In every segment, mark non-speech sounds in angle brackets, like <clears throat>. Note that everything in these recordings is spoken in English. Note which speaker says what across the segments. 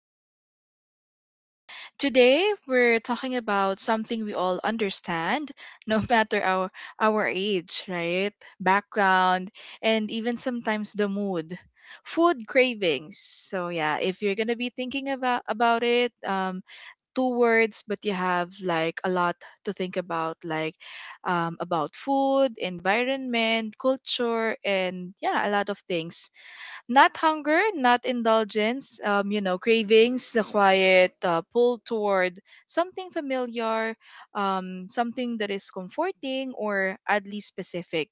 Speaker 1: Rain and Beyond. Today, we're talking about something we all understand, <laughs> no matter our age, right? Background, and even sometimes the mood. Food cravings. So yeah, if you're gonna be thinking about it, two words but you have like a lot to think about about food environment culture and yeah a lot of things not hunger, not indulgence, cravings, the quiet pull toward something familiar, something that is comforting or at least specific.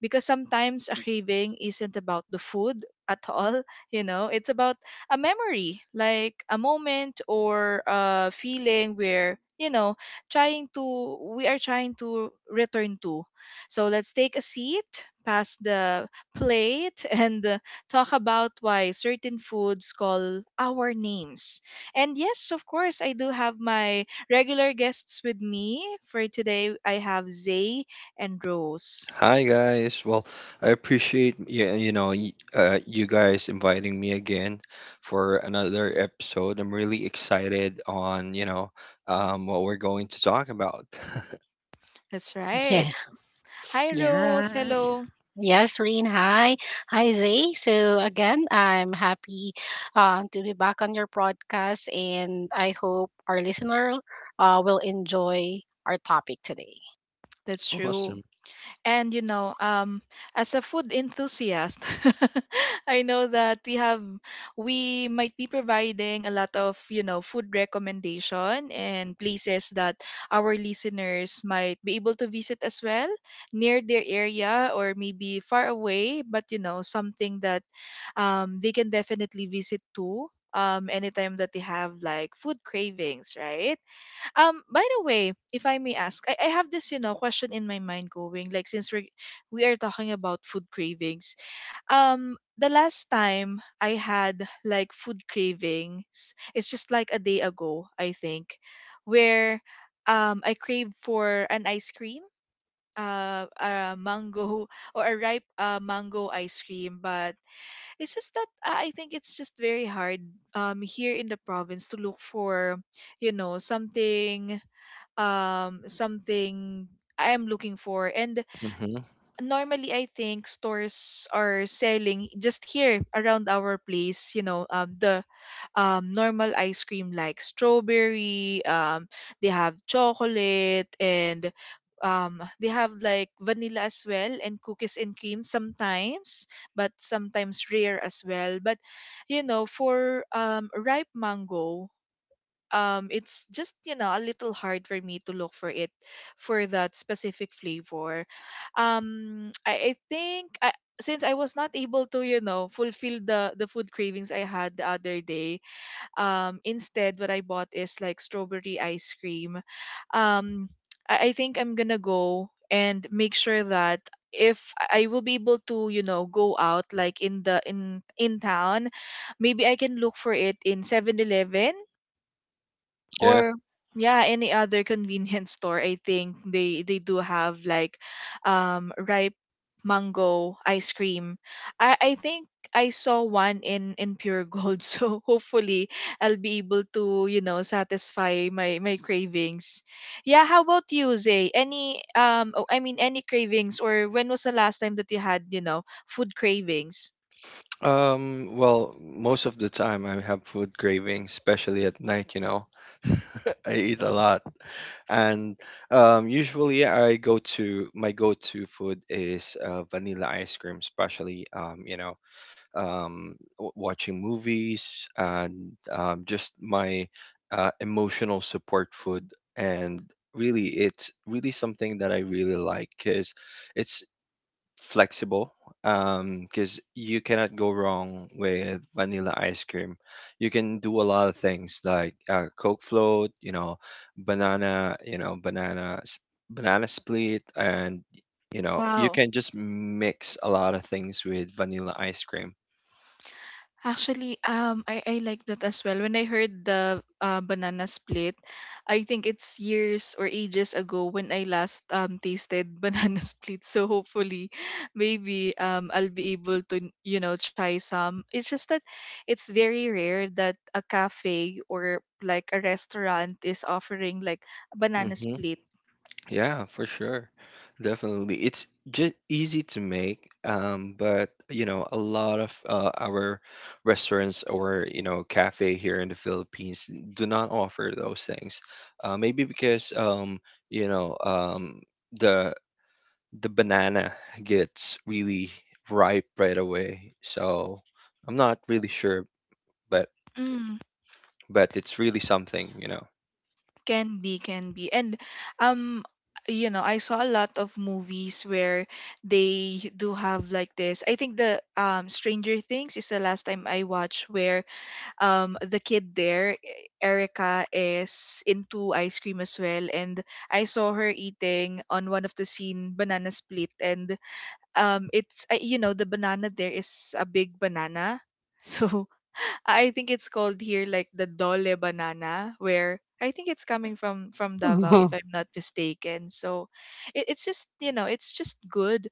Speaker 1: Because sometimes a craving isn't about the food at all, <laughs> you know, it's about a memory, like a moment or a feeling where, you know, we are trying to return to. So let's take a seat, pass the plate, <laughs> and talk about why certain foods call our names. And yes, of course, I do have my regular guests with me. For today, I have Zay and Rose.
Speaker 2: Hi guys. Well, I appreciate you guys inviting me again for another episode. I'm really excited on what we're going to talk about. <laughs>
Speaker 1: That's right.
Speaker 3: Yeah.
Speaker 1: Hi, Rose.
Speaker 3: Yes.
Speaker 1: Hello.
Speaker 3: Yes, Reen. Hi. Hi, Zay. So again, I'm happy to be back on your podcast, and I hope our listener will enjoy our topic today.
Speaker 1: That's true.
Speaker 2: Awesome.
Speaker 1: And as a food enthusiast, <laughs> I know that we might be providing a lot of you know food recommendation and places that our listeners might be able to visit as well near their area or maybe far away, but you know something that they can definitely visit too. Anytime that they have like food cravings, right? By the way, if I may ask, I have this, you know, question in my mind going, like since we're we are talking about food cravings. The last time I had like food cravings, it's just like a day ago, I think, where I craved for an ice cream, a mango <laughs> or a ripe mango ice cream, but it's just that I think it's just very hard here in the province to look for, you know, something I'm looking for. And
Speaker 2: hmm
Speaker 1: normally I think stores are selling just here around our place, you know, the normal ice cream like strawberry, they have chocolate and they have like vanilla as well and cookies and cream sometimes but sometimes rare as well but you know for ripe mango, it's just you know a little hard for me to look for it for that specific flavor. um i, I think I, since I was not able to you know fulfill the food cravings I had the other day, instead what I bought is like strawberry ice cream. um I think I'm gonna go and make sure that if I will be able to, you know, go out like in the in town, maybe I can look for it in 7-Eleven
Speaker 2: Yeah.
Speaker 1: or yeah any other convenience store. I think they do have like ripe mango ice cream. I think I saw one in pure gold <laughs> so hopefully I'll be able to you know satisfy my cravings. Yeah, how about you, Zay, any any cravings, or when was the last time that you had you know food cravings?
Speaker 2: Well, most of the time I have food cravings, especially at night. You know, <laughs> I eat a lot, and usually I go to my go-to food is vanilla ice cream, especially watching movies, and just my emotional support food. And really, it's really something that I really like because it's flexible. Because you cannot go wrong with vanilla ice cream. You can do a lot of things like Coke float, you know, banana, you know, banana, s- banana split, and you know, you
Speaker 1: Wow.
Speaker 2: can just mix a lot of things with vanilla ice cream.
Speaker 1: Actually, I like that as well. When I heard the banana split, I think it's years or ages ago when I last tasted <laughs> banana split. So hopefully, maybe I'll be able to you know try some. It's just that it's very rare that a cafe or like a restaurant is offering like a banana
Speaker 2: Mm-hmm.
Speaker 1: split.
Speaker 2: Yeah, for sure. Definitely. It's just easy to make, but you know, a lot of our restaurants or you know, cafe here in the Philippines do not offer those things. Maybe because you know, um, the banana gets really ripe right away. So I'm not really sure, but
Speaker 1: Mm.
Speaker 2: but it's really something, you know,
Speaker 1: Can be, can be. And um you know, I saw a lot of movies where they do have like this. I think the Stranger Things is the last time I watched where the kid there, Erica, is into ice cream as well and I saw her eating on one of the scene banana split and it's you know the banana there is a big banana. <laughs> So I think it's called here like the dole banana, where I think it's coming from Davao, if
Speaker 3: <laughs>
Speaker 1: I'm not mistaken. So, it, it's just you know, it's just good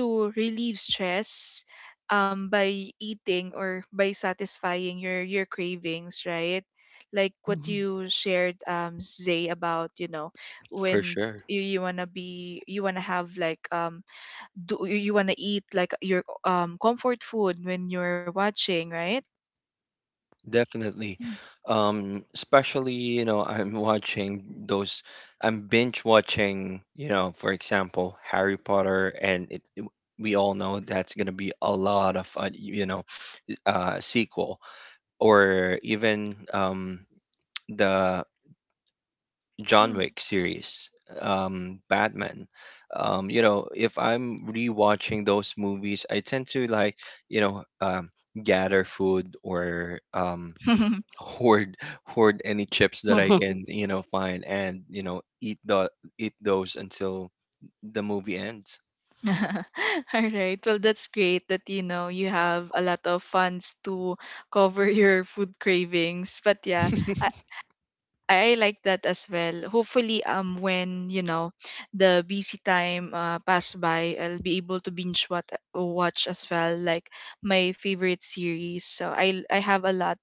Speaker 1: to relieve stress, by eating or by satisfying your cravings, right? Like what
Speaker 3: Mhm.
Speaker 1: you shared, Zay, about you know
Speaker 2: for
Speaker 1: when
Speaker 2: sure.
Speaker 1: you wanna be you wanna have like do you wanna eat like your comfort food when you're watching, right?
Speaker 2: Definitely. Especially, you know, I'm binge watching, you know, for example, Harry Potter, and we all know that's going to be a lot of, sequel, or even the John Wick series, Batman. You know, if I'm rewatching those movies, I tend to like, you know, um, gather food, or
Speaker 1: <laughs>
Speaker 2: <laughs> hoard hoard any chips that I
Speaker 3: Mhm.
Speaker 2: can, you know, find, and you know eat those until the movie ends.
Speaker 1: <laughs> All right. Well, that's great that you know you have a lot of funds to <laughs> cover your food cravings. But yeah, I,
Speaker 2: <laughs>
Speaker 1: I like that as well. Hopefully, when you know the busy time pass by, I'll be able to binge what watch as well, like my favorite series. So I have a lot,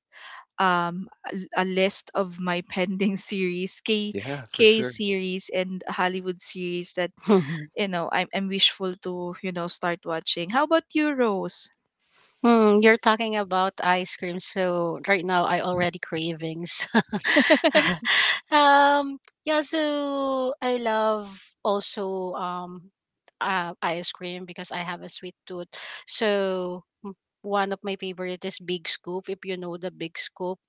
Speaker 1: um a list of my pending <laughs> series,
Speaker 2: Yeah, for
Speaker 1: k
Speaker 2: sure.
Speaker 1: series and hollywood series that
Speaker 3: <laughs>
Speaker 1: you know, I'm wishful to, you know, start watching. How about you, Rose?
Speaker 3: Mm, you're talking about ice cream, so right now I already cravings. <laughs> Yeah, so I love also ice cream because I have a sweet tooth. So one of my favorite is Big Scoop. If you know the Big Scoop,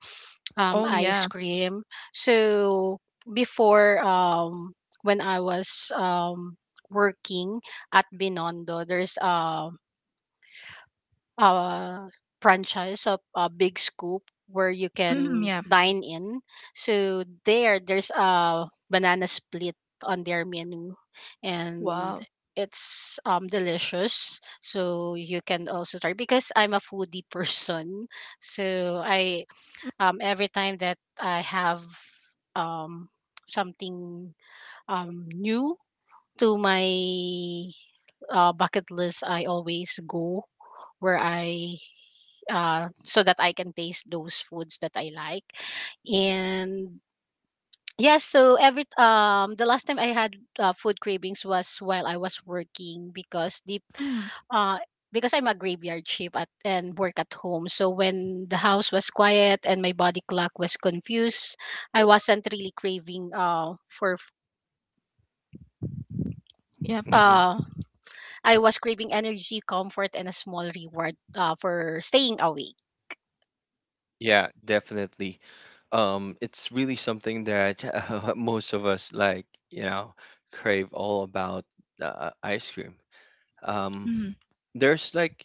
Speaker 1: Oh
Speaker 3: ice
Speaker 1: yeah.
Speaker 3: cream. So before when I was working at Binondo, there's uh, franchise of Big Scoop where you
Speaker 1: Mm,
Speaker 3: can
Speaker 1: yeah.
Speaker 3: dine in. So there's a banana split on their menu, and
Speaker 1: Wow.
Speaker 3: it's delicious. So you can also try because I'm a foodie <laughs> person. So I every time that I have um something new to my bucket list, I always go where I so that I can taste those foods that I like. And yes, so every the last time I had food cravings was while I was working because the
Speaker 1: Mm,
Speaker 3: uh because I'm a graveyard shift at and work at home. So when the house was quiet and my body clock was confused, I wasn't really craving for food.
Speaker 1: yep.
Speaker 2: hmm
Speaker 3: Uh I was craving energy, comfort and a small reward for staying awake.
Speaker 2: Yeah, definitely. It's really something that <laughs> most of us like you know crave all about, ice cream. um
Speaker 1: Mm,
Speaker 2: there's like,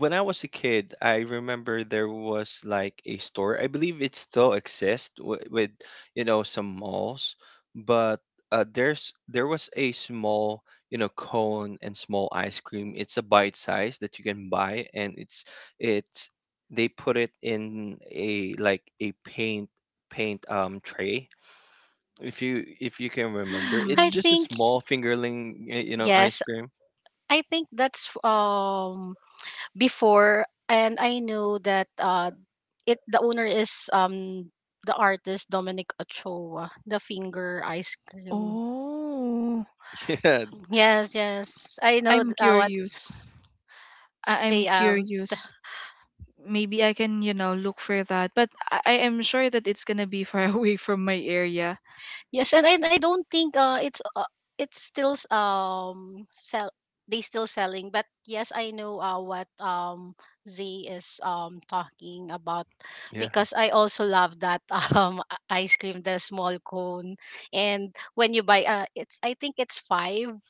Speaker 2: when I was a kid, I remember there was like a store, I believe it still exists with you know some malls, but there was a small, you know, cone and small ice cream. It's a bite size that you can buy, and it's they put it in a like a paint tray, if you can remember. It's
Speaker 3: I
Speaker 1: mm.
Speaker 2: just a
Speaker 3: think
Speaker 2: small fingerling, you know, ice
Speaker 3: yes,
Speaker 2: cream.
Speaker 3: I think that's before and I know that it the owner is the artist Dominic Ochoa, the finger ice cream.
Speaker 1: Oh,
Speaker 2: <laughs>
Speaker 3: Yes, yes. I know
Speaker 1: I'm
Speaker 3: what
Speaker 1: curious.
Speaker 3: say
Speaker 1: I'm curious. Maybe I can, you know, look for that. But I am sure that it's gonna be far <laughs> away from my area.
Speaker 3: Yes, and I don't think it's still sell they still selling, but yes, I know what Z is talking about
Speaker 2: Yeah.
Speaker 3: because I also love that <laughs> ice cream, the small cone, and when you buy it's I think it's five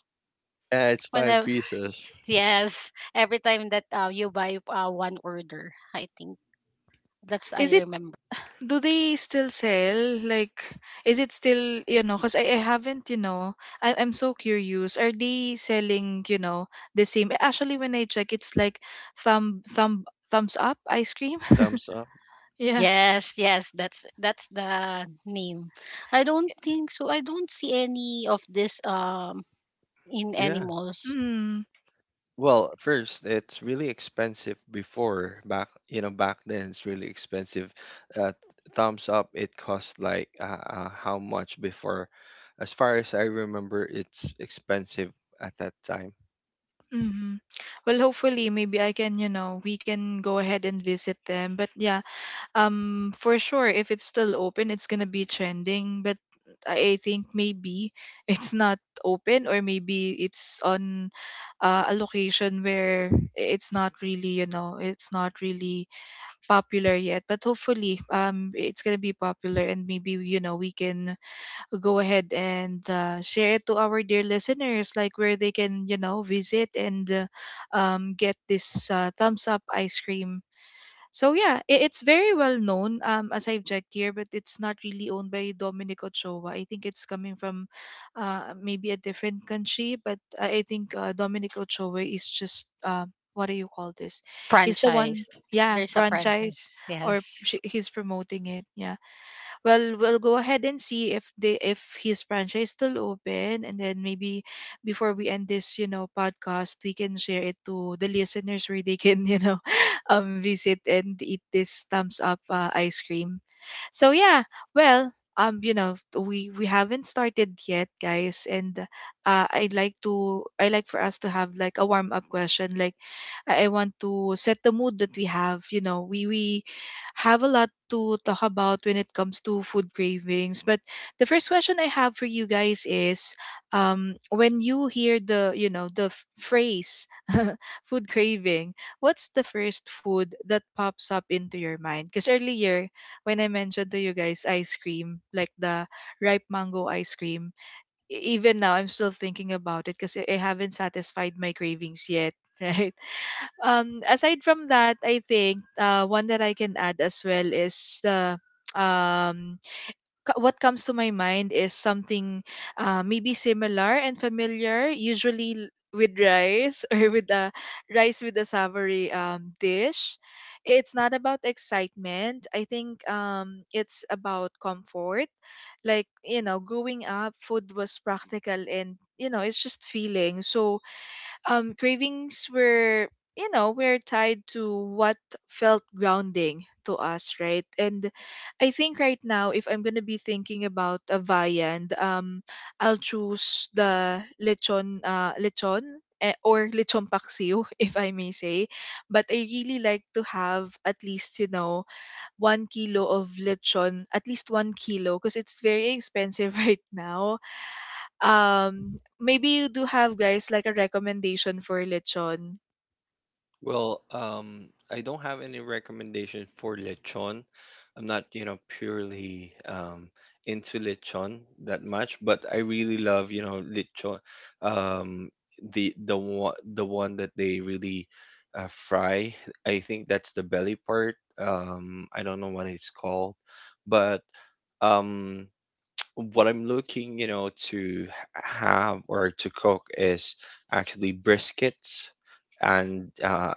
Speaker 2: Yeah, it's five
Speaker 3: whenever
Speaker 2: pieces.
Speaker 3: <laughs> yes every time that you buy one order I think that's
Speaker 1: Is
Speaker 3: I
Speaker 1: it
Speaker 3: remember.
Speaker 1: Do they still sell? Like, is it still, you know, because I haven't, you know, I, I'm so curious. Are they selling, you know, the same? Actually, when I check, it's like thumb, thumb, thumbs up ice cream. <laughs>
Speaker 2: Thumbs up.
Speaker 1: Yeah.
Speaker 3: Yes, yes, that's the name. I don't think so. I don't see any of this in any
Speaker 2: Yeah.
Speaker 3: malls
Speaker 1: Mm,
Speaker 2: Well, first, it's really expensive before, back, you know, back then it's really expensive. Uh, thumbs up, it cost like how much before? As far as I remember, it's expensive at that time.
Speaker 1: mm-hmm. Well, hopefully, maybe I can, you know, we can go ahead and visit them. But yeah, um, for sure, if it's still open, it's gonna be trending. But I think maybe <laughs> it's not open, or maybe it's on a location where it's not really, you know, it's not really popular yet. But hopefully, it's gonna be popular, and maybe you know we can go ahead and share it to our dear listeners, like where they can, you know, visit and get this thumbs up ice cream. So yeah, it's very well known as I've checked here, but it's not really owned by Dominic Ochoa. I think it's coming from maybe a different country, but I think Dominic Ochoa is just what do you call this? He's the one,
Speaker 3: franchise.
Speaker 1: yeah,
Speaker 3: There's a
Speaker 1: franchise
Speaker 3: franchise.
Speaker 1: or
Speaker 3: Yes.
Speaker 1: he's promoting it. Yeah, well, we'll go ahead and see if they if his franchise is still open, and then maybe before we end this you know podcast we can share it to the listeners where they can you know <laughs> visit and eat this thumbs up ice cream. So yeah, well, you know, we haven't started yet, guys, and I'd like to I like for us to have like a warm up question. Like, I want to set the mood that we have. You know, we have a lot to talk about when it comes to food cravings. But the first question I have for you guys is, when you hear the you know the phrase <laughs> food craving, what's the first food that pops up into your mind? Because earlier when I mentioned to you guys ice cream, like the ripe mango ice cream, even now I'm still thinking about it because I haven't satisfied my cravings yet. <laughs> Right. Aside from that, I think one that I can add as well is the <tsk> um what comes to my mind is something maybe similar and familiar, usually with rice <laughs> or with a rice with a savory dish. It's not about excitement. I think it's about comfort. Like, you know, growing up, food was practical and, you know, it's just feeling. So cravings were, you know, were tied to what felt grounding to us, right? And I think right now, if I'm gonna be thinking about a viand, I'll choose the lechon, lechon. Or lechon paksiw, <laughs> if I may say, but I really like to have at least you know 1 kilo of lechon, at least 1 kilo, because it's very expensive <laughs> right now. Um, maybe you do have guys like a recommendation for lechon.
Speaker 2: Well, I don't have any recommendation for lechon. I'm not, you know, purely into lechon that much, but I really love, you know, lechon. Um, the one that they really fry. I think that's the belly part. I don't know what it's called, but um, what I'm looking, you know, to have or to cook is actually briskets and uh,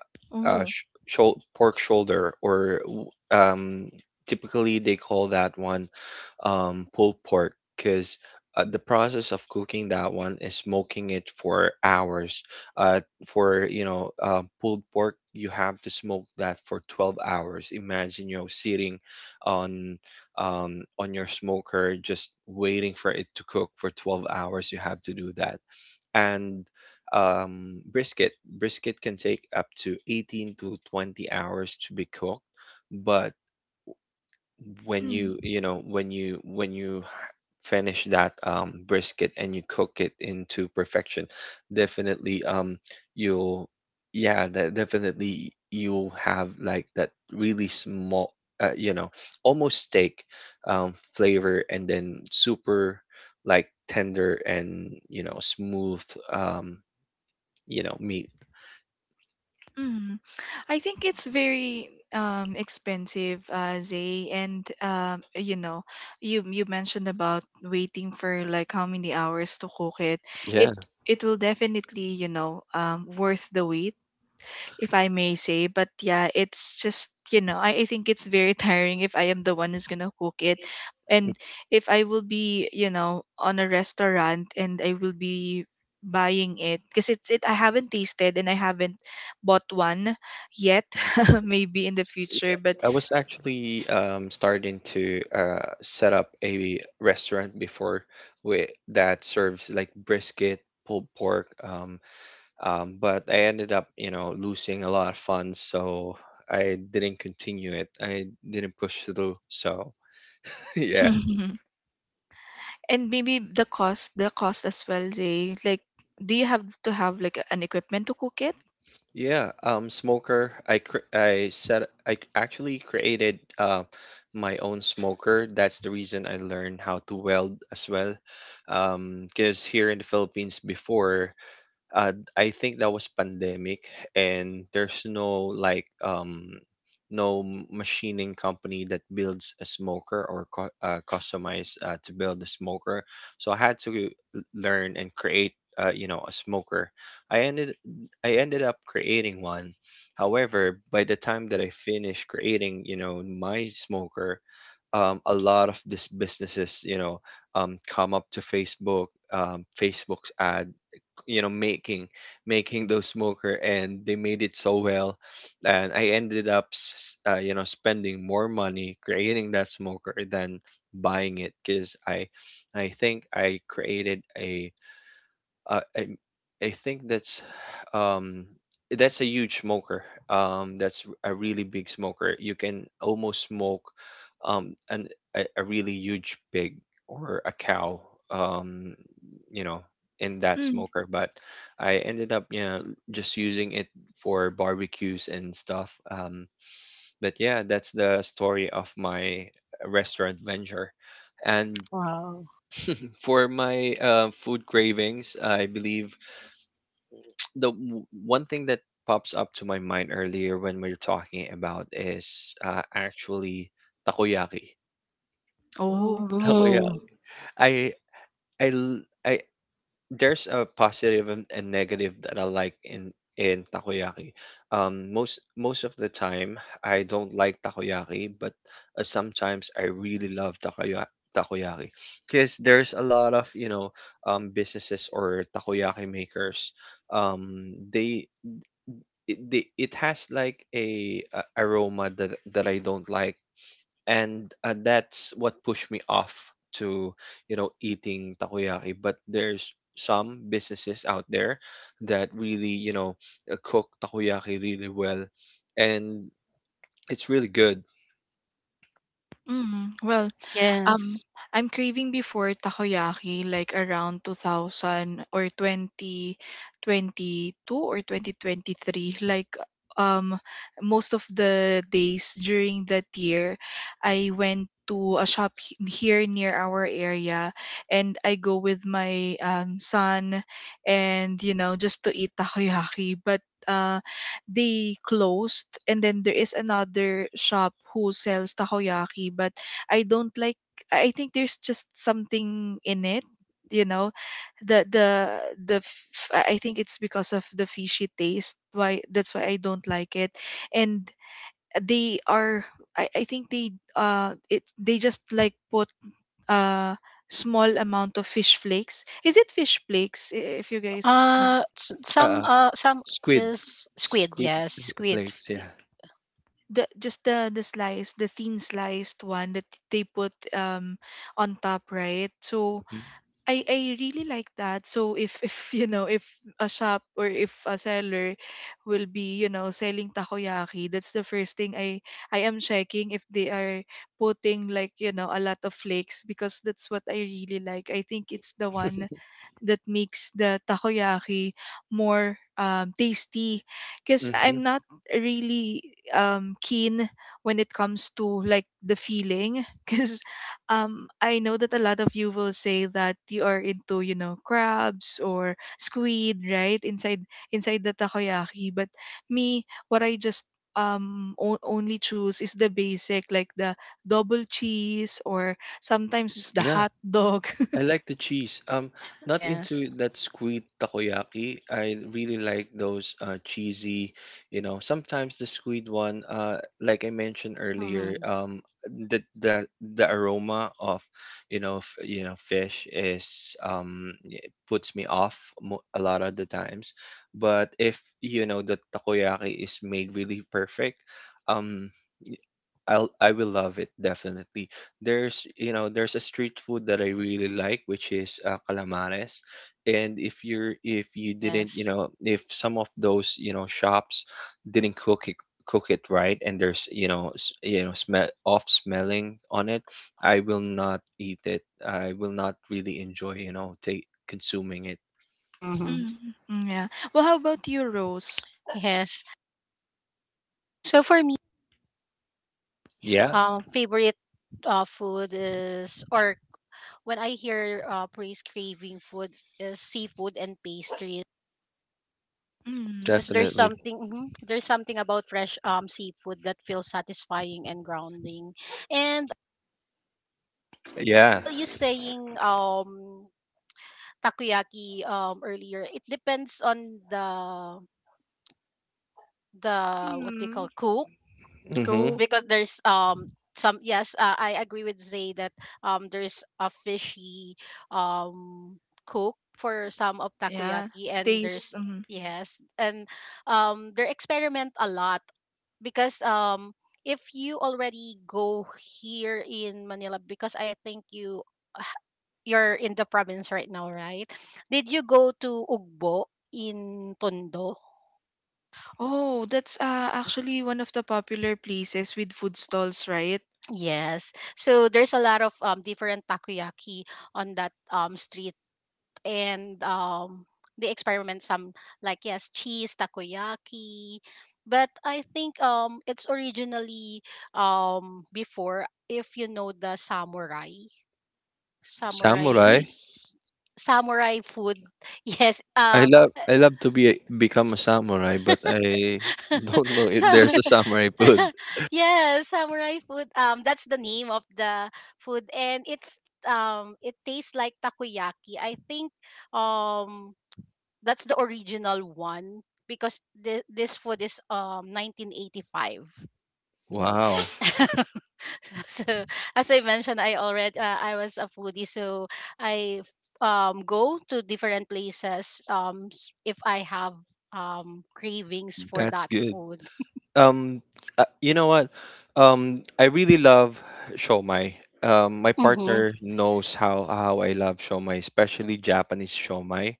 Speaker 2: uh,
Speaker 1: Oh.
Speaker 2: pork shoulder, or um, typically they call that one pulled pork, because the process of cooking that one is smoking it for hours. Uh, for you know, pulled pork, you have to smoke that for 12 hours. Imagine you know sitting on on your smoker just waiting for it to cook for 12 hours. You have to do that, and brisket. Brisket can take up to 18 to 20 hours to be cooked, but
Speaker 1: Mm,
Speaker 2: when you finish that brisket and you cook it into perfection, definitely you'll yeah that definitely you'll have like that really small, you know, almost steak flavor, and then super like tender and you know smooth um you know meat.
Speaker 1: mm. I think it's very expensive, Zay, and you know, you mentioned about waiting for like how many hours to cook it. It
Speaker 2: Yeah.
Speaker 1: it will definitely you know worth the wait if I may say. But yeah, it's just, you know, I think it's very <laughs> tiring if I am the one who's gonna cook it. And if I will be, you know, on a restaurant and I will be buying it because it I haven't tasted and I haven't bought one yet. <laughs> Maybe in the future,
Speaker 2: Yeah,
Speaker 1: but
Speaker 2: I was actually starting to set up a restaurant before with that serves like brisket, pulled pork, but I ended up, you know, losing a lot of funds, so I didn't continue it. I didn't push through. So <laughs>
Speaker 1: <laughs>
Speaker 2: yeah.
Speaker 1: and maybe the cost as well Zay. Like do you have to have like an equipment to cook it.
Speaker 2: Yeah, smoker. I said I actually created my own smoker. That's the reason I learned how to weld as well. Because here in the Philippines before, uh, I think that was pandemic, and there's no like no machining company that builds a smoker or customize to build a smoker. So I had to learn and create, you know, a smoker. I ended I ended up creating one. However, by the time that I finished creating, you know, my smoker, a lot of these businesses, you know, come up to Facebook, Facebook's ad, you know making those smoker, and they made it so well, and I ended up you know spending more money creating that smoker than buying it, because i think i created a uh, I I think um that's a huge smoker. That's a really big smoker. You can almost smoke an a really huge pig or a cow. Um, you know, in that
Speaker 1: Mm.
Speaker 2: smoker. But I ended up you know just using it for barbecues and stuff. But yeah, that's the story of my restaurant venture. And
Speaker 3: Wow.
Speaker 2: for my food cravings, I believe one thing that pops up to my mind earlier when we are talking about is actually takoyaki.
Speaker 1: Oh,
Speaker 2: <laughs>
Speaker 3: Mm,
Speaker 2: Takoyaki. I I l- I There's a positive and negative that I like in takoyaki. Most of the time I don't like takoyaki, but sometimes I really love takoyaki. Takoyaki, because there's a lot of you know businesses or takoyaki makers. Um, they it has like a, aroma that that I don't like, and that's what pushed me off to you know eating takoyaki. But there's some businesses out there that really you know cook takoyaki really well, and it's really good.
Speaker 1: mm. Well, Um,
Speaker 3: yes.
Speaker 1: I'm craving before takoyaki like around 2000 or 2022 or 2023. Like um most of the days during that year, I went to a shop here near our area, and I go with my son, and you know just to eat takoyaki, but they closed, and then there is another shop who sells takoyaki, but I don't like. I think there's just something in it, you know, the the the f- I think it's because of the fishy taste. Why that's why I don't like it, and they are, I think they, it they just like put uh small amount of fish flakes. Is it fish flakes? If you guys know?
Speaker 2: Uh,
Speaker 3: Some some
Speaker 2: squid,
Speaker 3: is squid. Yes, squid.
Speaker 2: flakes, yeah.
Speaker 1: The just the thin sliced one that they put on top, right? So
Speaker 2: Mm-hmm.
Speaker 1: I really like that. So if <laughs> if you know, if a shop or if a seller will be, you know, selling takoyaki, that's the first thing I am checking, if they are putting like, you know, a lot of flakes, because that's what I really like. I think it's the one that makes the takoyaki more tasty, because
Speaker 2: Mm-hmm.
Speaker 1: I'm not really keen when it comes to like the feeling <laughs> because I know that a lot of you will say that you are into, you know, crabs or squid right inside inside the takoyaki, but me, what I just only choose is the basic, like the double cheese or sometimes just the
Speaker 2: Yeah,
Speaker 1: hot dog. <laughs>
Speaker 2: I like the cheese. Not
Speaker 3: Yes.
Speaker 2: into that squid takoyaki. I really like those cheesy, you know, sometimes the squid one, like I mentioned earlier,
Speaker 3: Mm,
Speaker 2: the the the aroma of, you know, you know, fish is it puts me off a lot of the times. But if you know the takoyaki is made really perfect, um, I will love it definitely. There's you know there's a street food that I really like which is calamares, and if you're if you didn't you
Speaker 3: yes.
Speaker 2: know if some of those you know shops didn't cook it right, and there's you know you know smell off smelling on it, I will not eat it. I will not really enjoy you know take consuming it.
Speaker 3: Hmm.
Speaker 1: Mm, mm, yeah. Well, how about you, Rose?
Speaker 3: Yes. So for me,
Speaker 2: Yeah,
Speaker 3: favorite food is or when I hear praise craving food is seafood and pastries
Speaker 1: Mm.
Speaker 3: because there's
Speaker 2: definitely.
Speaker 3: something mhm, there's something about fresh seafood that feels satisfying and grounding. And
Speaker 2: Yeah.
Speaker 3: while you saying takoyaki earlier, it depends on the what they
Speaker 1: Hmm.
Speaker 3: call cook
Speaker 2: Mm-hmm.
Speaker 1: Go.
Speaker 3: because there's some yes I agree with Zay that there's a fishy um cook for some of
Speaker 1: Yeah.
Speaker 3: takoyaki and
Speaker 1: Taste.
Speaker 3: there's
Speaker 1: Mm.
Speaker 3: yes and they experiment a lot because if you already go here in Manila because I think you you're in the province right now right did you go to Ugbo in Tondo.
Speaker 1: Oh, that's actually one of the popular places with food stalls, right?
Speaker 3: Yes. So there's a lot of different takoyaki on that street and they experiment some like yes, cheese takoyaki. But I think it's originally before if you know the samurai
Speaker 2: Samurai.
Speaker 3: samurai
Speaker 1: Mm,
Speaker 3: samurai food. <laughs> Yes.
Speaker 2: I love to become a samurai, but I <laughs> don't
Speaker 3: <laughs>
Speaker 2: know if
Speaker 3: So
Speaker 2: there's a samurai
Speaker 3: <laughs>
Speaker 2: food.
Speaker 3: yes, samurai food. That's the name of the food, and it's it tastes like takoyaki. I think um, that's the original one because this food is 1985.
Speaker 2: Wow,
Speaker 3: <laughs> So so as I mentioned, I already I was a foodie, so I go to different places if I have cravings for
Speaker 2: that's
Speaker 3: that
Speaker 2: good.
Speaker 3: food. <laughs>
Speaker 2: Um, you know what? I really love shomai. My
Speaker 3: Mm-hmm.
Speaker 2: partner knows how I love shomai, especially Japanese shomai.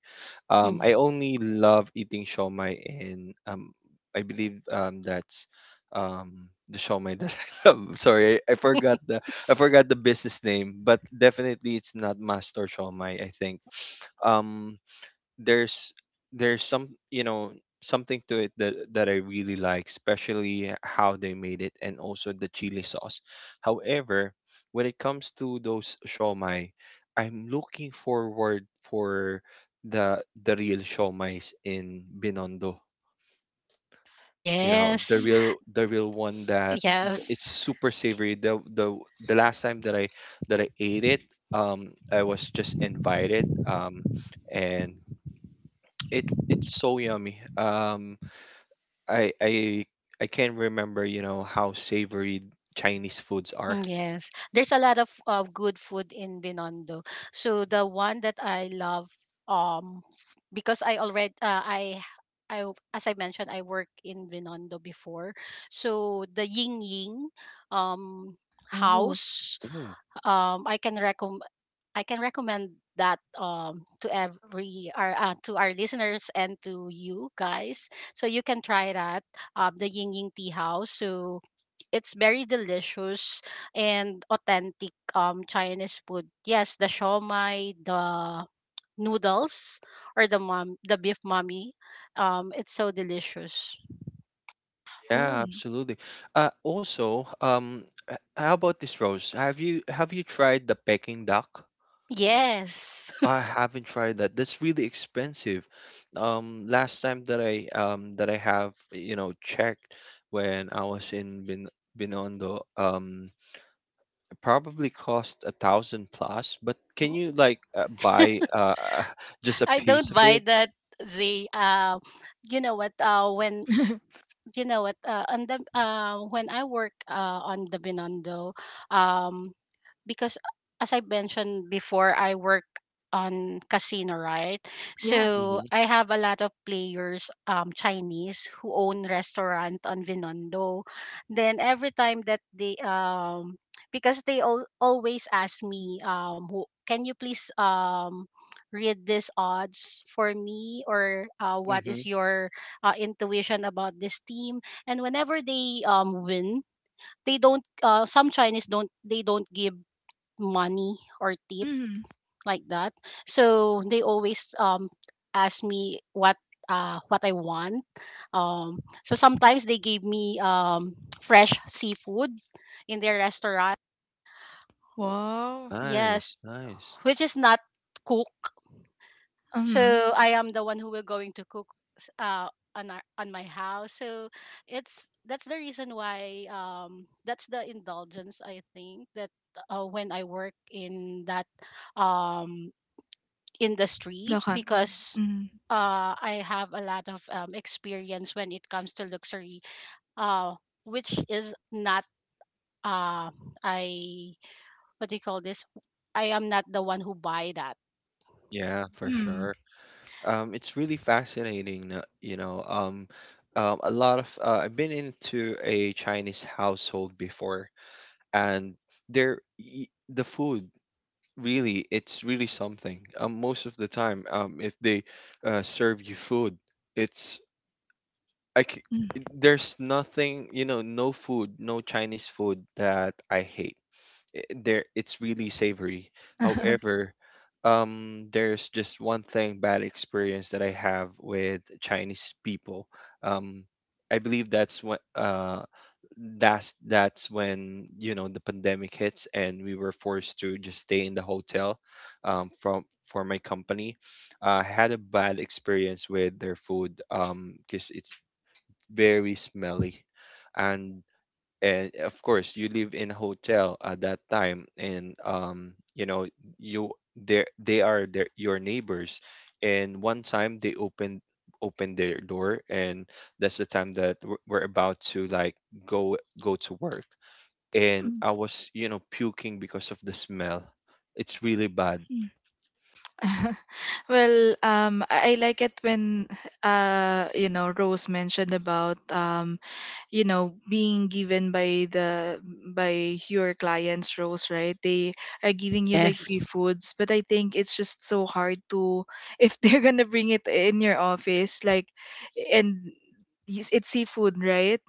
Speaker 2: I only love eating shawmai in I believe that's the shawmai that <laughs> I love. Sorry, I forgot the business name, but definitely it's not Master Shawmai, I think. Um, there's there's some you know something to it that I really like, especially how they made it and also the chili sauce. However, when it comes to those shawmai, I'm looking forward for the real shawmais in Binondo. You know,
Speaker 3: Yes.
Speaker 1: mm.
Speaker 2: the real one that it's
Speaker 3: Yes.
Speaker 2: super savory. The last time that I ate it, I was just invited, and it it's so yummy. I I I can't remember, you know, how savory Chinese foods are.
Speaker 3: Mm, yes. There's a lot of good food in Binondo. So the one that I love um because I already I as I mentioned I work in Binondo before. So the Ying Ying um
Speaker 1: Oh.
Speaker 3: house
Speaker 2: Mm.
Speaker 3: I can recommend that to every our to our listeners and to you guys so you can try that the Ying Ying tea house so it's very delicious and authentic Chinese food. Yes, the shawmai, the noodles or the mom the beef mommy. Um, it's so delicious.
Speaker 2: Yeah,
Speaker 1: Oh.
Speaker 2: absolutely. Also, how about this, Rose? Have you tried the Peking duck?
Speaker 3: Yes.
Speaker 2: I
Speaker 3: <laughs>
Speaker 2: haven't tried that. That's really expensive. Last time that I have, you know, checked when I was in Binondo, probably cost a thousand plus, but can you like buy <laughs> just a
Speaker 3: I
Speaker 2: piece
Speaker 3: don't
Speaker 2: of
Speaker 3: buy
Speaker 2: it?
Speaker 3: that the you know what
Speaker 1: <laughs>
Speaker 3: on the, when I work on the Binondo um because as I mentioned before, I work on casino, right?
Speaker 1: Yeah.
Speaker 3: So
Speaker 2: Mm-hmm.
Speaker 3: I have a lot of players, Chinese who own restaurant on Vinondo. Then every time that they because they always ask me who, can you please read these odds for me or what
Speaker 2: Mm-hmm.
Speaker 3: is your intuition about this team and whenever they win they don't some Chinese don't they don't give money or tip
Speaker 1: Mm.
Speaker 3: like that. So they always ask me what I want. So sometimes they gave me fresh seafood in their restaurant.
Speaker 1: Wow.
Speaker 3: Yes,
Speaker 2: Nice, nice.
Speaker 3: which is not cook.
Speaker 1: Mm.
Speaker 3: So I am the one who will going to cook on our, on my house. So it's that's the reason why that's the indulgence I think that when I work in that um industry
Speaker 1: Dakan.
Speaker 3: because
Speaker 1: Mm.
Speaker 3: I have a lot of experience when it comes to luxury, uh, which is not uh, I what do you call this? I am not the one who buy that.
Speaker 2: Yeah, for
Speaker 1: Mm.
Speaker 2: sure. It's really fascinating, you know. A lot of I've been into a Chinese household before, and the food really it's really something. Most of the time, if they serve you food, it's like
Speaker 1: Mm.
Speaker 2: there's nothing, you know, no food, no Chinese food that I hate, there it's really savory.
Speaker 1: <laughs>
Speaker 2: However, there's just one thing bad experience that I have with Chinese people. Um, I believe that's when you know the pandemic hits and we were forced to just stay in the hotel from for my company. I had a bad experience with their food because it's very smelly and and of course you live in a hotel at that time and you know you they are your neighbors. And one time they opened their door, and that's the time that we're about to like go to work, and
Speaker 1: Mm,
Speaker 2: I was puking because of the smell. It's really bad.
Speaker 1: mm. <laughs> Well, I like it when, you know, Rose mentioned about you know being given by the by your clients, Rose, right? They are giving you like
Speaker 3: Yes.
Speaker 1: free foods, but I think it's just so hard to <laughs> if they're gonna bring it in your office, like, and yes, it's seafood, right?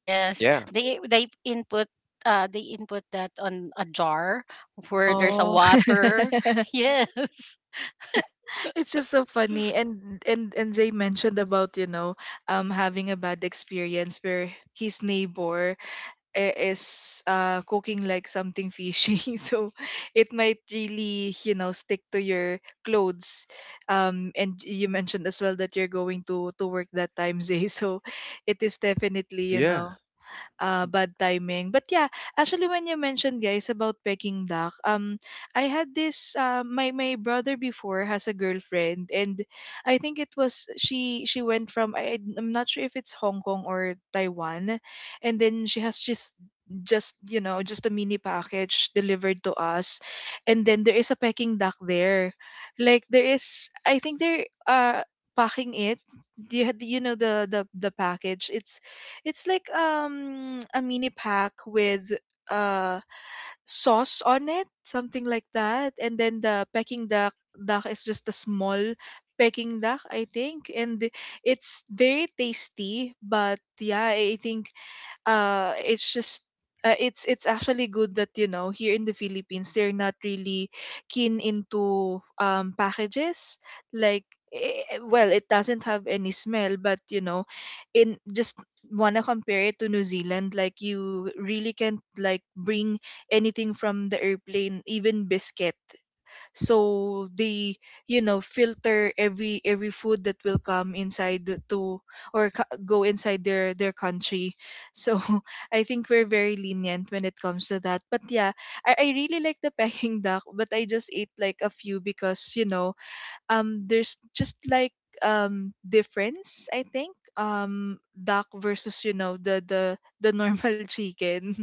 Speaker 3: Yes,
Speaker 2: Yeah,
Speaker 3: they input that on a jar where there's a
Speaker 1: Oh.
Speaker 3: water. <laughs>
Speaker 1: <laughs>
Speaker 3: Yes.
Speaker 1: It's just so funny, and they mentioned about, you know, having a bad experience where his neighbor is cooking like something fishy, <laughs> so it might really, you know, stick to your clothes, and you mentioned as well that you're going to work that time, Zay, <laughs> so it is definitely, you Yeah.
Speaker 2: yeah.
Speaker 1: know, bad timing. But yeah, actually, when you mentioned guys about Peking duck, I had this. My my brother before has a girlfriend, and I think it was she. She went from, I, I'm not sure if it's Hong Kong or Taiwan, and then she has just, you know, just a mini package delivered to us, and then there is a Peking duck there. Like, there is, I think they're packing it. Do you, do you know the the package? It's like a mini pack with uh sauce on it, something like that. And then the Peking duck is just a small Peking duck, I think. And it's very tasty, but yeah, I think it's just it's actually good that, you know, here in the Philippines they're not really keen into packages, like, well, it doesn't have any smell, but you know, in just wanna compare it to New Zealand, like, you really can't like bring anything from the airplane, even biscuit. So they, you know, filter every food that will come inside to go inside their country, so <laughs> I think we're very lenient when it comes to that, but yeah, I really like the Peking <laughs> duck, but I just ate like a few because, you know, there's just like difference. I think duck versus, you know, the normal <laughs> chicken.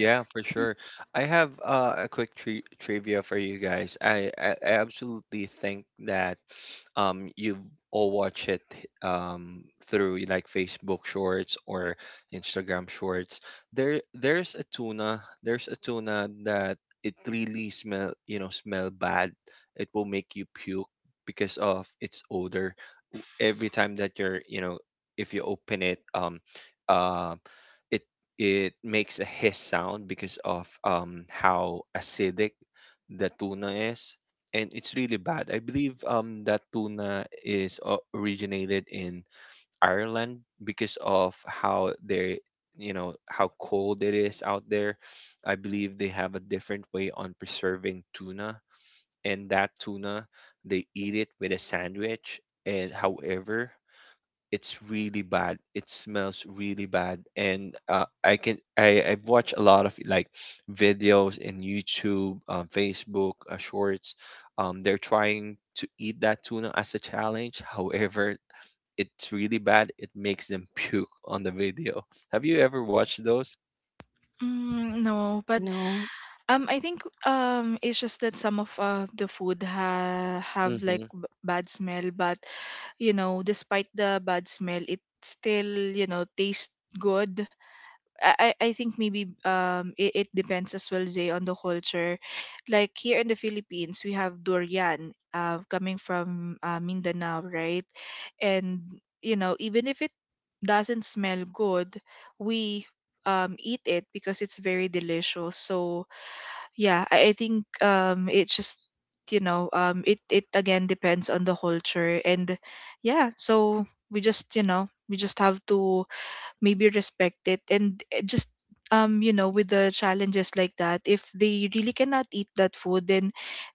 Speaker 2: Yeah, for sure. I have a quick trivia for you guys. I absolutely think that you've all watched it through like Facebook Shorts or Instagram Shorts. There's a tuna that it really smell, you know, smell bad. It will make you puke because of its odor. Every time that you're, you know, if you open it, uh, it it makes a hiss sound because of how acidic the tuna is, and it's really bad. I believe that tuna is originated in Ireland because of how they you know how cold it is out there. I believe they have a different way on preserving tuna, and that tuna they eat it with a sandwich. And however, it's really bad. It smells really bad, and I can I've watched a lot of like videos in YouTube, Facebook, Shorts. They're trying to eat that tuna as a challenge. However, it's really bad. It makes them <laughs> puke on the video. Have you ever watched those?
Speaker 1: Mm, no, but
Speaker 3: No.
Speaker 1: I think it's just that some of the food have like
Speaker 2: Mm-hmm.
Speaker 1: bad smell, but you know, despite the bad smell, it still, you know, tastes good. I think maybe it, it depends as well, Zay, on the culture. Like here in the Philippines, we have durian coming from Mindanao, right? And you know, even if it doesn't smell good, we eat it because it's very delicious. So yeah, I think it's just, you know, it it again depends on the culture, and yeah, so we just, you know, we just have to maybe respect it, and just you know, with the challenges like that, if they really cannot eat that food, then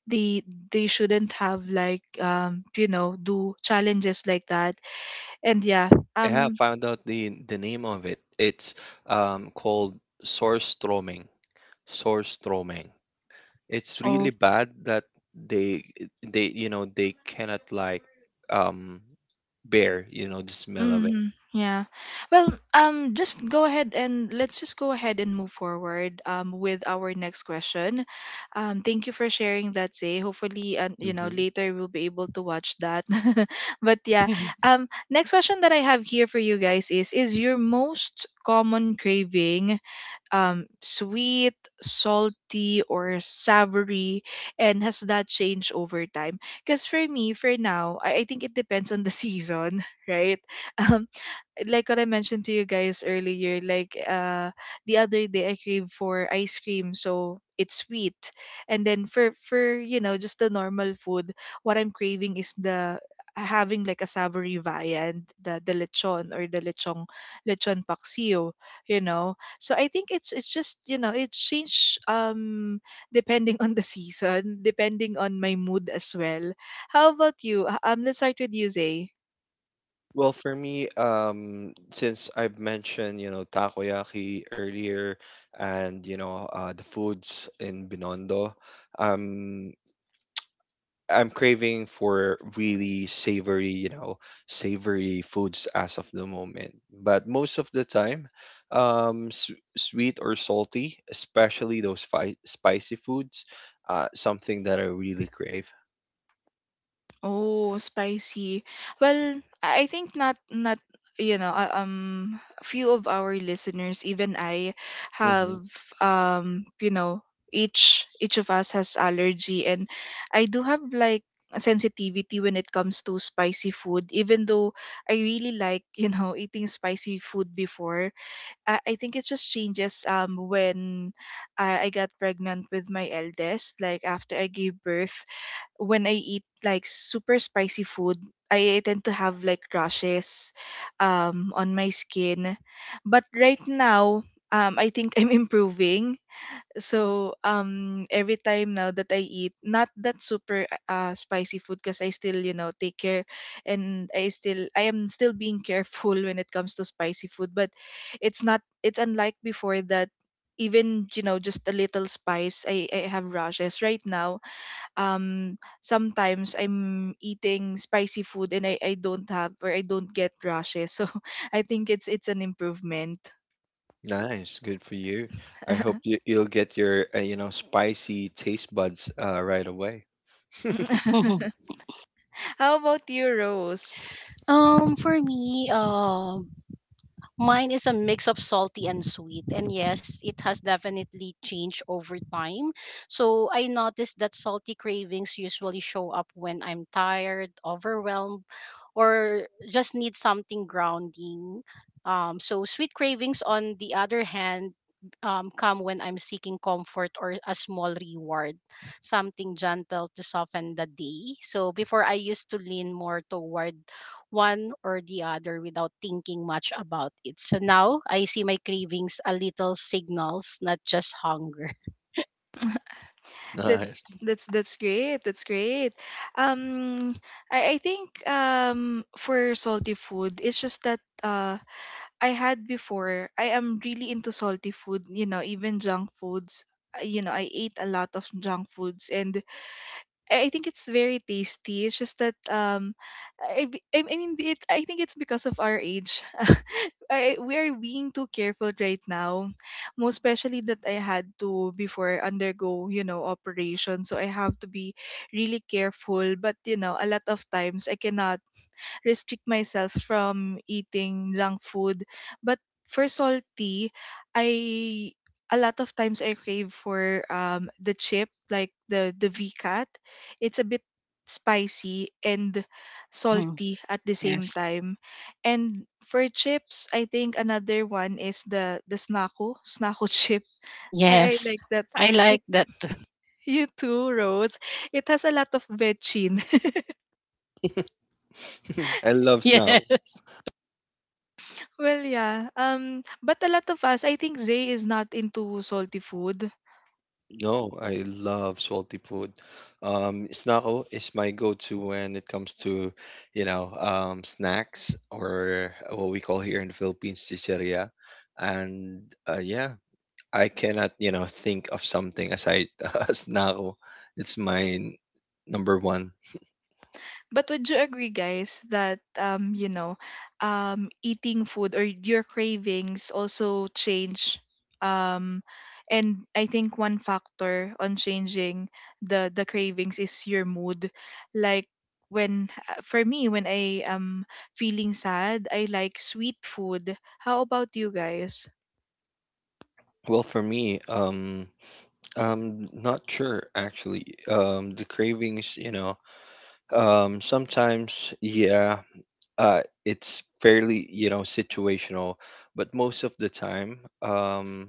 Speaker 1: they they shouldn't have like, you know, do challenges like that, and yeah,
Speaker 2: Yeah, I
Speaker 1: um
Speaker 2: found out the name of it. It's called Surströmming. Surströmming. It's really bad that they they you know they cannot like um bear you know the smell of it.
Speaker 1: mm-hmm. Yeah. Well, just go ahead and let's just go ahead and move forward with our next question. Thank you for sharing that, Say. Hopefully, and you know,
Speaker 2: Hmm.
Speaker 1: later we'll be able to watch that. <laughs> But yeah,
Speaker 3: <laughs>
Speaker 1: next question that I have here for you guys is your most common craving sweet, salty, or savory? And has that changed over time? Because for me, for now, I think it depends on the <laughs> season, right? Um, like what I mentioned to you guys earlier, like the other day I crave for ice cream, so it's sweet. And then for, you know, just the normal food, what I'm craving is the having like a savory viand, the lechon or the lechon paksiyo, you know. So I think it's just, you know, it change depending <laughs> on the season, depending on my mood as well. How about you? Let's start with you, Zay.
Speaker 2: Well, for me, since I've mentioned you know takoyaki earlier, and you know the foods in Binondo, um I'm craving for really savory, you know, savory foods as of the moment. But most of the time, s sweet or salty, especially those fi spicy foods, something that I really crave.
Speaker 1: Oh, spicy. Well, I think not not, you know, few of our listeners, even I have,
Speaker 2: Hmm.
Speaker 1: you know, each of us has allergy, and I do have like a sensitivity when it comes to spicy food, even though I really like, you know, <laughs> eating spicy food before. I think it just changes when I got pregnant with my eldest, like after I gave birth, when I eat like super spicy food, I tend to have like rashes on my skin. But right now, I think <laughs> I'm improving. So every time now that I eat, not that super spicy food, because I still, you know, take care, and I still I am still being <laughs> careful when it comes to spicy food. But it's not it's unlike before that even, you know, just a little spice, I have rashes right now. Sometimes I'm eating spicy food and I don't have, or I don't get rashes. <laughs> So I think it's an improvement.
Speaker 2: Nice, good for you. I hope you'll get your, you know, spicy taste buds right away. <laughs>
Speaker 1: <laughs> How about you, Rose?
Speaker 3: For me. Mine is a mix of salty and sweet. And yes, it has definitely changed over time. So I noticed that salty cravings usually show up when I'm tired, overwhelmed, or just need something grounding. So sweet cravings, on the other hand, come when I'm seeking comfort or a small reward, something gentle to soften the day. So before I used to lean more toward one or the other without thinking much about it. So now I see my cravings a little signals, not just hunger. <laughs>
Speaker 2: Nice.
Speaker 1: That's great. That's great. Um I think for salty food, it's just that I had before, I am really into salty food, you know, even junk foods. You know, I ate a lot of junk foods, and I think it's very tasty. It's just that I, I mean, be it. I think it's because of our age. <laughs> I, we are being too careful right now, most especially that I had to before undergo, you know, operation. So I have to be really careful. But you know, a lot of times I cannot restrict myself from eating junk food. But for salty, I, a lot of times I crave for the chip, like the VCAT. It's a bit spicy and
Speaker 3: Mhm.
Speaker 1: salty at the same
Speaker 3: Yes.
Speaker 1: time. And for chips, I think another one is the snaku <laughs> chip. I
Speaker 3: Yes.
Speaker 1: like that.
Speaker 3: I like
Speaker 1: It's
Speaker 3: that. Too.
Speaker 1: <laughs> you too, Rose. It has a lot of veggies.
Speaker 2: <laughs> I
Speaker 3: <laughs>
Speaker 2: love snow.
Speaker 3: Yes.
Speaker 1: Well, yeah. But a lot of us, I think Zay is not into salty food.
Speaker 2: No, I love salty food. Snacko is my go-to when it comes to, you know, snacks or what we call here in the Philippines, chicheria. And yeah, I cannot, you know, think of something aside <laughs> snacko. It's my number one.
Speaker 1: But would you agree, guys, that you know, eating food or your cravings also change. Um, and I think one factor on changing the cravings is your mood. Like when for me, when I am feeling sad, I like sweet food. How about you guys?
Speaker 2: Well, for me, I'm not sure actually. The cravings, you know, sometimes, yeah, uh, it's fairly you know situational, but most of the time um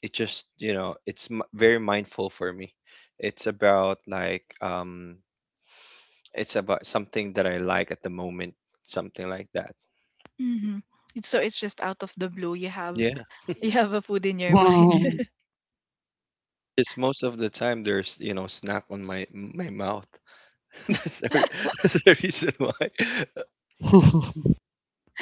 Speaker 2: it just you know it's very mindful for me. It's about like it's about something that I like at the moment, something like that.
Speaker 1: Mm-hmm. It's, so it's just out of the blue you have
Speaker 2: Yeah,
Speaker 1: <laughs> you have a food in your mind.
Speaker 3: Mhm.
Speaker 2: it's most of the time there's you know snack on my mouth. <laughs> that's the, re- <laughs> that's the reason why. <laughs>
Speaker 3: <laughs>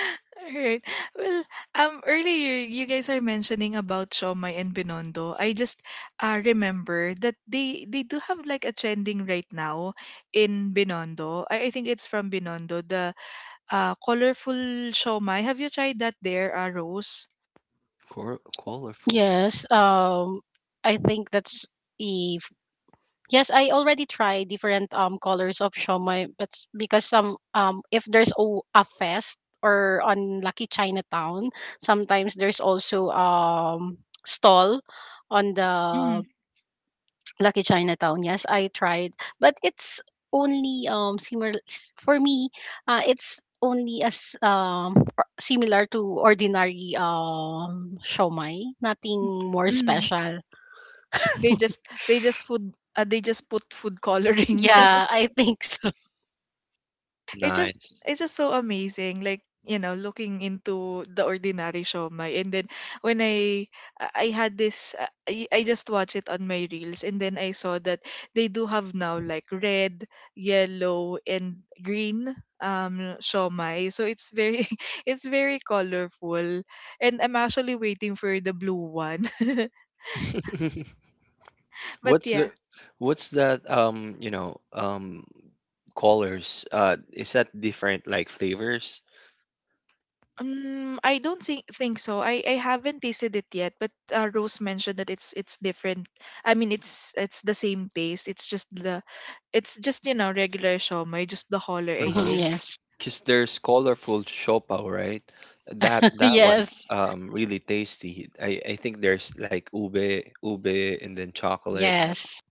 Speaker 1: <laughs> Alright. Well, earlier you guys are mentioning about Shomai and Binondo. I just remember that they do have like a trending right now in Binondo. I think it's from Binondo, the colorful Shomai. Have you tried that there, Rose?
Speaker 2: Col- colorful show.
Speaker 3: Yes. I think that's a yes, I already tried different colors of shomai, but because some if there's a fest or on Lucky Chinatown, sometimes there's also stall on
Speaker 1: Mm-hmm.
Speaker 3: the Lucky Chinatown. Yes, I tried, but it's only similar for me. It's only as similar to ordinary shomai, nothing more
Speaker 2: Mhm.
Speaker 3: special.
Speaker 1: They just they just food they just put food coloring <laughs>
Speaker 3: Yeah, I think so. <laughs>
Speaker 1: it's just
Speaker 2: Nice.
Speaker 1: it's just so amazing, like, you know, looking into the ordinary shomai. And then when I had this. I just watched it on my reels, and then I saw that they do have now like red, yellow, and green shomai. So it's very <laughs> it's very colorful, and I'm actually waiting for the blue one. <laughs>
Speaker 2: <laughs>
Speaker 1: But
Speaker 2: What's
Speaker 1: yeah.
Speaker 2: the what's that colors is that different like flavors?
Speaker 1: I don't think so. I haven't tasted it yet, but Rose mentioned that it's different. I mean, it's the same taste. It's just regular siomai, just the holler, I
Speaker 2: Uh-huh.
Speaker 3: Mhm,
Speaker 1: think.
Speaker 3: yes,
Speaker 2: 'Cause there's colorful shopaw, right? That
Speaker 3: <laughs>
Speaker 2: that one's
Speaker 3: yes.
Speaker 2: really tasty. I think there's like ube and then chocolate.
Speaker 3: Yes.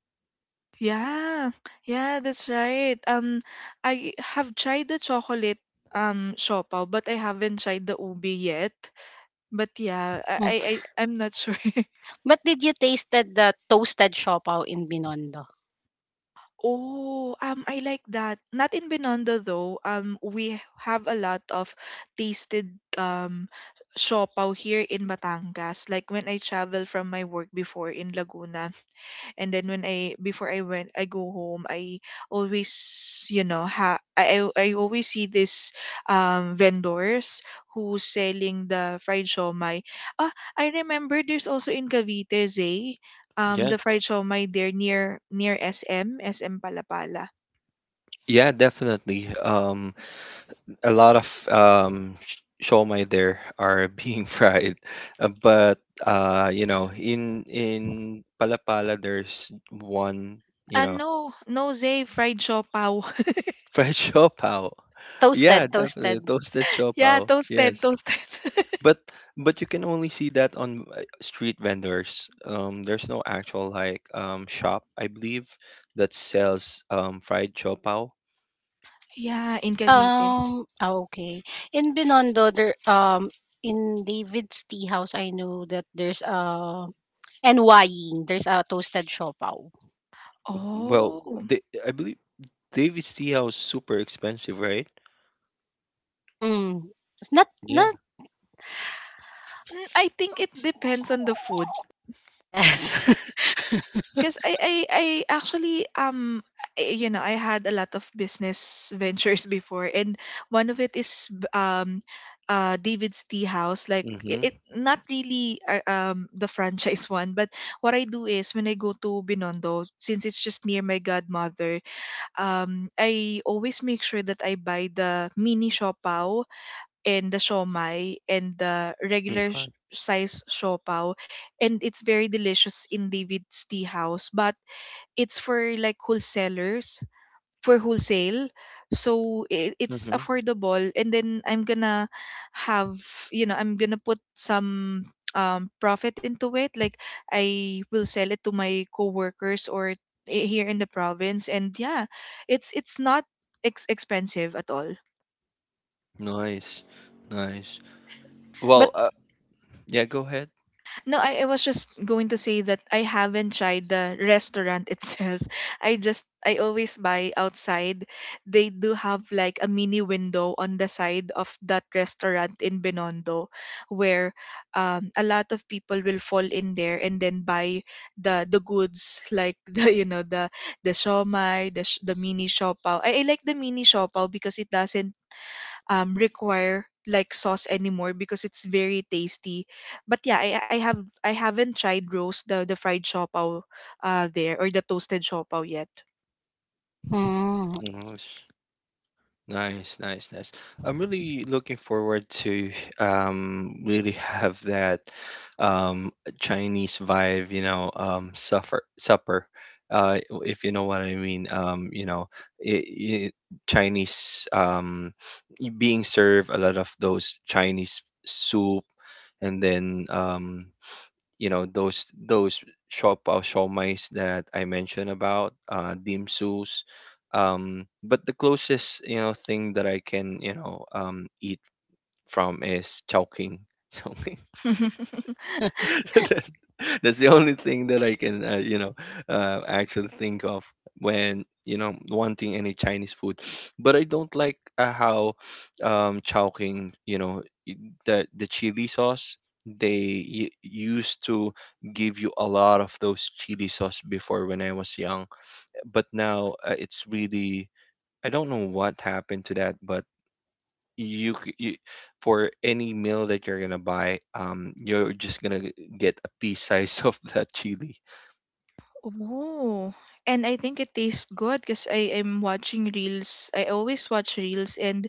Speaker 1: Yeah, yeah, that's right. I have tried the chocolate siopaw, but I haven't tried the ubi yet. But yeah,
Speaker 3: Mm.
Speaker 1: I'm not sure. <laughs>
Speaker 3: But did you tasted the toasted siopaw in Binondo?
Speaker 1: Oh, I like that. Not in Binondo though. We have a lot of tasted um siopaw here in Batangas. Like when I travel from my work before in Laguna, and then when I before I went I go home I always, you know, I always see this vendors who's selling the fried shawmai. ah I remember there's also in Cavite,
Speaker 2: Yeah.
Speaker 1: the fried shawmai there near near SM SM Palapala.
Speaker 2: Yeah, definitely. A lot of siomai there are being <laughs> fried, but you know in palapala there's one you
Speaker 1: Ah,
Speaker 2: know
Speaker 1: no, no, Zay, fried shaw pao.
Speaker 2: fried <laughs> siopao.
Speaker 3: No,
Speaker 2: Yeah,
Speaker 3: toasted,
Speaker 2: definitely
Speaker 3: toasted.
Speaker 2: toasted
Speaker 1: <laughs> Yeah,
Speaker 2: siopao,
Speaker 1: toasted,
Speaker 2: yes.
Speaker 1: toasted. <laughs>
Speaker 2: but but you can only see that on street vendors. There's no actual like shop, I believe, that sells fried chopao.
Speaker 1: Yeah, in Cavite.
Speaker 3: Ah, okay. In Binondo, there in David's tea house, I know that there's NYing, there's a toasted siopaw.
Speaker 2: Well,
Speaker 1: Oh.
Speaker 2: they I believe David see how super expensive, right?
Speaker 3: Mm. It's not not
Speaker 1: Mm, I think it depends on the food.
Speaker 3: yes. <laughs>
Speaker 1: Because I actually you know, I had a lot of business <laughs> ventures before, and one of it is David's Tea House. Like
Speaker 2: Mm-hmm.
Speaker 1: it not really the franchise <laughs> one. But what I do is when I go to Binondo, since it's just near my godmother, I always make sure that I buy the mini siopaw, and the siomai, and the regular
Speaker 2: Okay.
Speaker 1: size siopaw. And it's very delicious in David's Tea House, but it's for like wholesalers, for wholesale. So it's
Speaker 2: Mm-hmm.
Speaker 1: affordable, and then I'm gonna have, you know, I'm gonna put some profit into it. Like I will sell it to my coworkers, or here in the province. And yeah, it's not expensive at all.
Speaker 2: Nice. Nice.
Speaker 1: But
Speaker 2: Well, yeah, go ahead.
Speaker 1: no, I was just going to say that I haven't tried the restaurant itself. <laughs> I just I always buy outside. They do have like a mini window on the side of that restaurant in Binondo, where a lot of people will fall in there and then buy the goods, like <laughs> the, you know, the shomai, the mini siopaw. I like the mini siopaw because it doesn't require like sauce anymore because it's very tasty. But yeah, I haven't tried roast the fried siopaw there, or the toasted siopaw yet.
Speaker 3: Mm.
Speaker 2: Nice. Nice, nice, nice. I'm really looking forward to really have that um Chinese vibe, you know, supper. Uh if you know what I mean, you know, it I Chinese being served a lot of those Chinese soup, and then you know those shop pao shawmais that I mentioned about dim sums. But the closest you know thing that I can you know eat from is chowking. <laughs> So <laughs>
Speaker 1: <laughs>
Speaker 2: that's, that's the only thing that I can, you know, actually think of when you know wanting any Chinese food. But I don't like how Chowking, you know, i- the chili sauce they used to give you a lot of those chili sauce before when I was young. But now it's really I don't know what happened to that, but you for any meal that you're gonna buy, you're just gonna get a pea size <laughs> of that chili.
Speaker 1: Oh, and I think it tastes good because I am watching reels. I always watch reels, and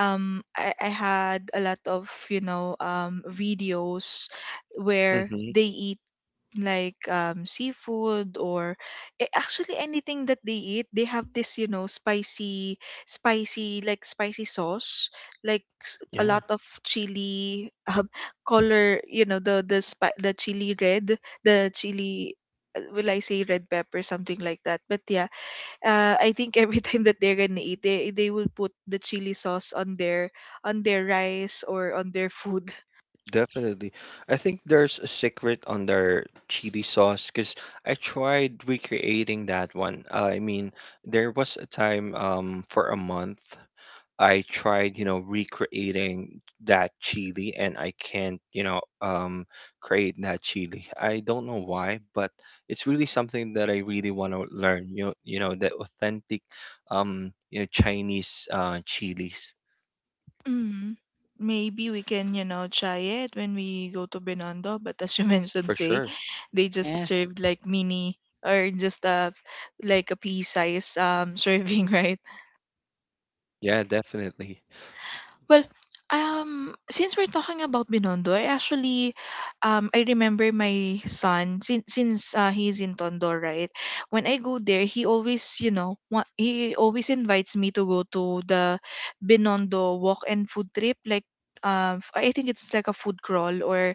Speaker 1: I had a lot of, you know, videos where
Speaker 2: Hmm.
Speaker 1: they eat like seafood, or actually anything that they eat, they have this, you know, spicy, spicy, like spicy sauce, like a
Speaker 2: Yeah.
Speaker 1: lot of chili <laughs> color, you know, the chili red, the chili, will I say red pepper, something like that. But yeah, I think every <laughs> time that they're gonna eat, they will put the chili sauce on their rice, or on their food.
Speaker 2: Definitely. I think there's a secret on their chili sauce because I tried recreating that one. I mean, there was a time for a month I tried, you know, recreating that chili and I can't, you know, create that chili. I don't know why, but it's really something that I really want to learn. You know, the authentic, you know, Chinese chilies
Speaker 1: Mm. Maybe we can, you know, try it when we go to Binondo. But as you <laughs> mentioned,
Speaker 2: for
Speaker 1: Zay,
Speaker 2: sure.
Speaker 1: they just
Speaker 3: Yes.
Speaker 1: served like mini, or just a like a pea size <laughs> serving, right?
Speaker 2: Yeah, definitely.
Speaker 1: Well, since we're talking about Binondo, I remember my son, since he's in Tondo, right? When I go there, he always, you know, he always invites me to go to the Binondo walk and food trip, like. I think it's like a food crawl, or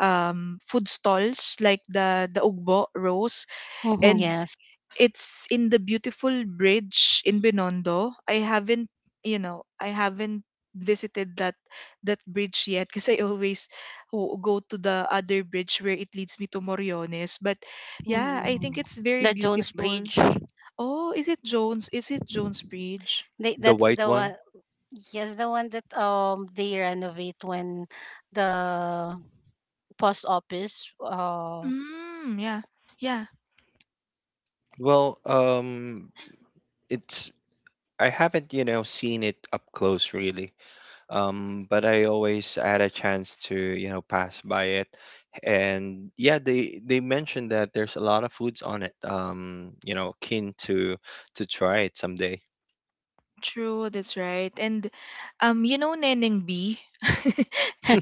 Speaker 1: food stalls like the ugbo roast.
Speaker 3: Hmm,
Speaker 1: And
Speaker 3: yes.
Speaker 1: it's in the beautiful bridge in Binondo. I haven't, you know, I haven't visited that that bridge yet <laughs> because I always go to the other bridge where it leads me to Moriones. But yeah, I
Speaker 3: Mm.
Speaker 1: think it's very
Speaker 3: The Jones
Speaker 1: beautiful.
Speaker 3: Bridge.
Speaker 1: Oh, is it Jones? Is it Jones Bridge?
Speaker 3: They,
Speaker 2: The
Speaker 3: that's
Speaker 2: white
Speaker 3: the
Speaker 2: one.
Speaker 3: one. Yes, the one that they renovate when the post office.
Speaker 1: Mm, yeah. Yeah.
Speaker 2: Well, it's I haven't, you know, seen it up close really. But I always had a chance to, you know, pass by it. And yeah, they mentioned that there's a lot of foods on it. You know, keen to try it someday.
Speaker 1: True, that's right. And you know Neneng B? <laughs>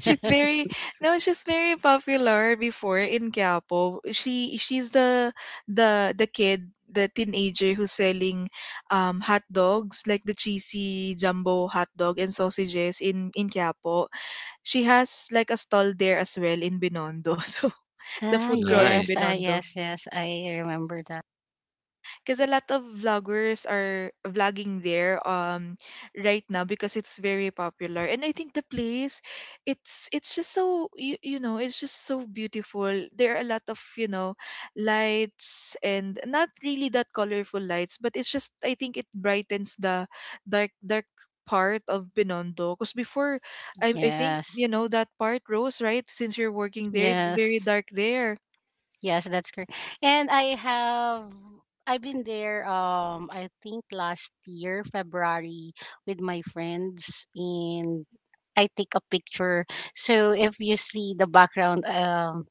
Speaker 1: She's very, no, she's very popular before in Quiapo. She's the kid, the teenager who's selling hot dogs, like the cheesy jumbo hot dog and sausages in Quiapo. She has like a stall there as well in Binondo. <laughs> So the
Speaker 3: Ah,
Speaker 1: food crawl in
Speaker 3: yes, ah,
Speaker 2: Nice.
Speaker 1: Binondo.
Speaker 3: yes, yes. I remember that.
Speaker 1: Because a lot of vloggers are vlogging there right now because it's very popular. And I think the place, it's just so, you know, it's just so beautiful. There are a lot of, you know, lights, and not really that colorful lights, but it's just, I think it brightens the dark part of Binondo. Because before, I think you
Speaker 3: Yes,
Speaker 1: know that part, Rose, right, since you're working there, it's very
Speaker 3: yes,
Speaker 1: dark there.
Speaker 3: yes. That's correct. And I have I've been there. I think last year February with my friends and I take a picture. So if you see the background,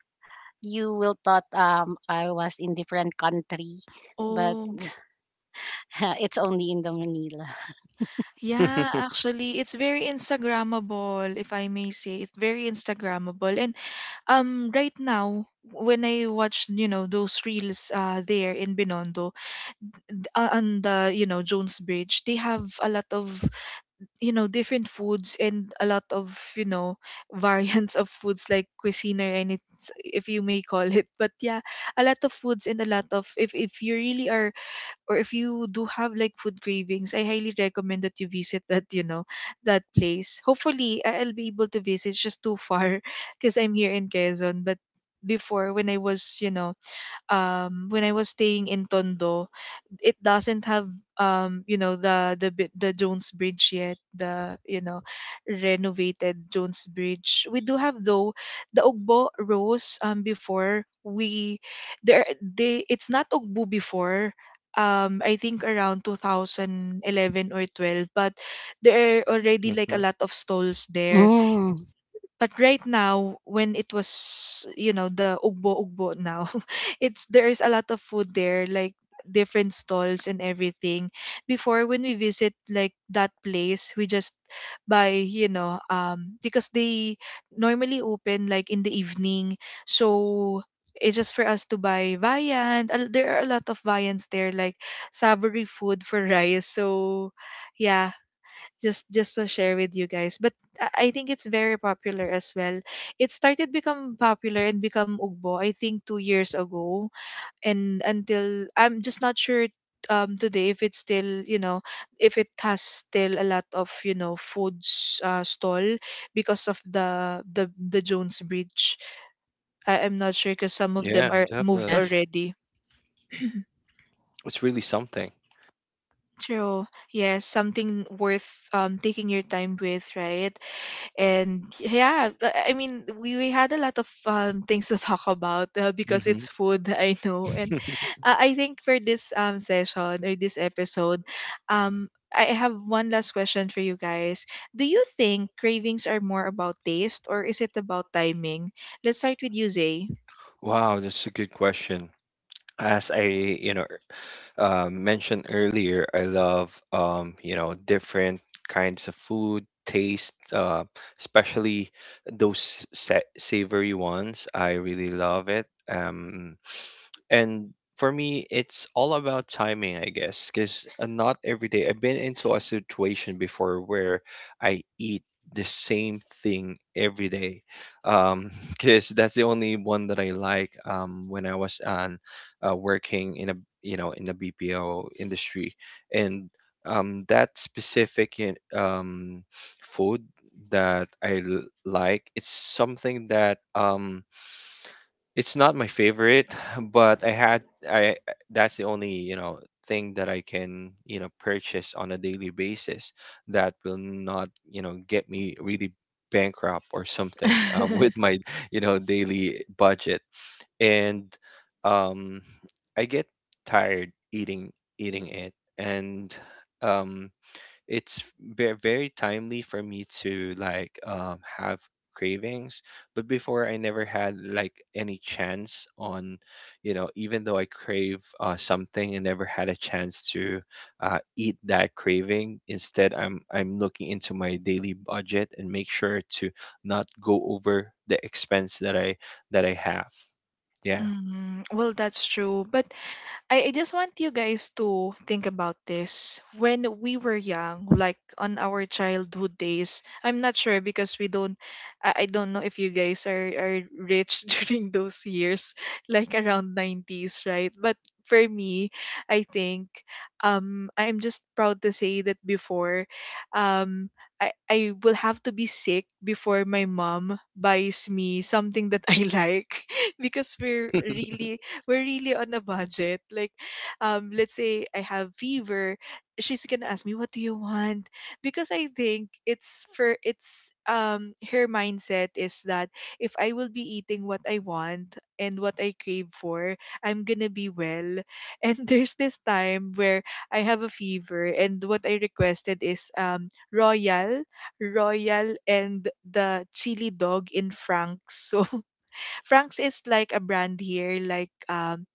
Speaker 3: you will thought I was in different country, but
Speaker 1: Oh.
Speaker 3: <laughs> it's only in the Manila.
Speaker 1: Yeah,
Speaker 2: <laughs>
Speaker 1: actually, it's very Instagrammable, if I may say. It's very Instagrammable. And right now, when I watch, you know, those reels there in Binondo, on the, you know, Jones Bridge, they have a lot of, you know, different foods, and a lot of, you know, <laughs> variants of foods like cuisine, or anything, if you may call it. But yeah, a lot of foods, and a lot of, if you really are, or if you do have like food cravings, I highly recommend that you visit that, you know, that place. Hopefully, I'll be able to visit. It's just too far <laughs> because I'm here in Quezon. But before, when I was, you know, when I was staying in Tondo, it doesn't have you know the Jones Bridge yet, the, you know, renovated Jones Bridge. We do have though the Ugbo Rose before. We there they It's not Ugbo before, I think around 2011 or 12. But there are already like a
Speaker 2: Mhm.
Speaker 1: lot of stalls there.
Speaker 3: Mm,
Speaker 1: But right now, when it was, you know, the ugbo now <laughs> it's, there's a lot of food there, like different stalls and everything. Before when we visit like that place, we just buy, you know, because they normally open like in the evening. So it's just for us to buy viand. There are a lot of viands there, like savory food for <laughs> rice. So yeah, just to share with you guys. But I think it's very popular as well. It started become popular and become ugbo, I think 2 years ago. And until, I'm just not sure today if it's still, you know, if it has still a lot of, you know, foods, stall, because of the jones bridge. I'm not sure because some of them
Speaker 2: Yeah,
Speaker 1: are moved
Speaker 3: yes.
Speaker 2: definitely.
Speaker 1: already. <clears throat>
Speaker 2: It's really something.
Speaker 1: True. Yes, something worth taking your time with, right? And yeah, I mean, we had a lot of <laughs> things to talk about, because
Speaker 2: Hmm.
Speaker 1: it's food. <laughs> I know. And
Speaker 2: <laughs>
Speaker 1: I think for this session or this episode, um I have one last question for you guys. Do you think cravings are more about taste, or is it about timing? Let's start with you, Zay.
Speaker 2: Wow, that's a good question. As I, you know, mentioned earlier, I love, you know, different kinds of food taste, especially those sa savory ones. I really love it. And for me, it's all about timing, I guess, because not every day. I've been into a situation before where I eat the same thing every day, because <laughs> that's the only one that I like. When I was on working in a you know in the BPO industry, and that specific food that I like, it's something that it's not my favorite, but I had I that's the only, you know, thing that I can, you know, purchase on a daily basis that will not, you know, get me really bankrupt or something <laughs> with
Speaker 1: <laughs>
Speaker 2: my, you know, daily budget. And um I get tired eating it, and um it's very timely for me to like have cravings. But before I never had like any chance on you know even though I crave something, I never had a chance to eat that craving. Instead, I'm looking into my daily budget and make sure to not go over the expense that I have. Yeah,
Speaker 1: Mm, well, that's true. But I just want you guys to think about this. When we were young, like on our childhood days, I'm not sure because we don't, I don't know if you guys are rich <laughs> during those years, like around 90s, right? But for me, I think I'm just proud to say that before, um, I will have to be sick before my mom buys me something that I like <laughs> because we're really, we're really on a budget. Like, let's say I have fever, she's gonna ask me, "What do you want?" Because I think it's for, it's her mindset is that if I will be eating what I want and what I crave for, I'm gonna be well. And <laughs> there's this time where I have a fever, and what I requested is royal, royal, and the chili dog in Frank's. <laughs> So Frank's is like a brand here, like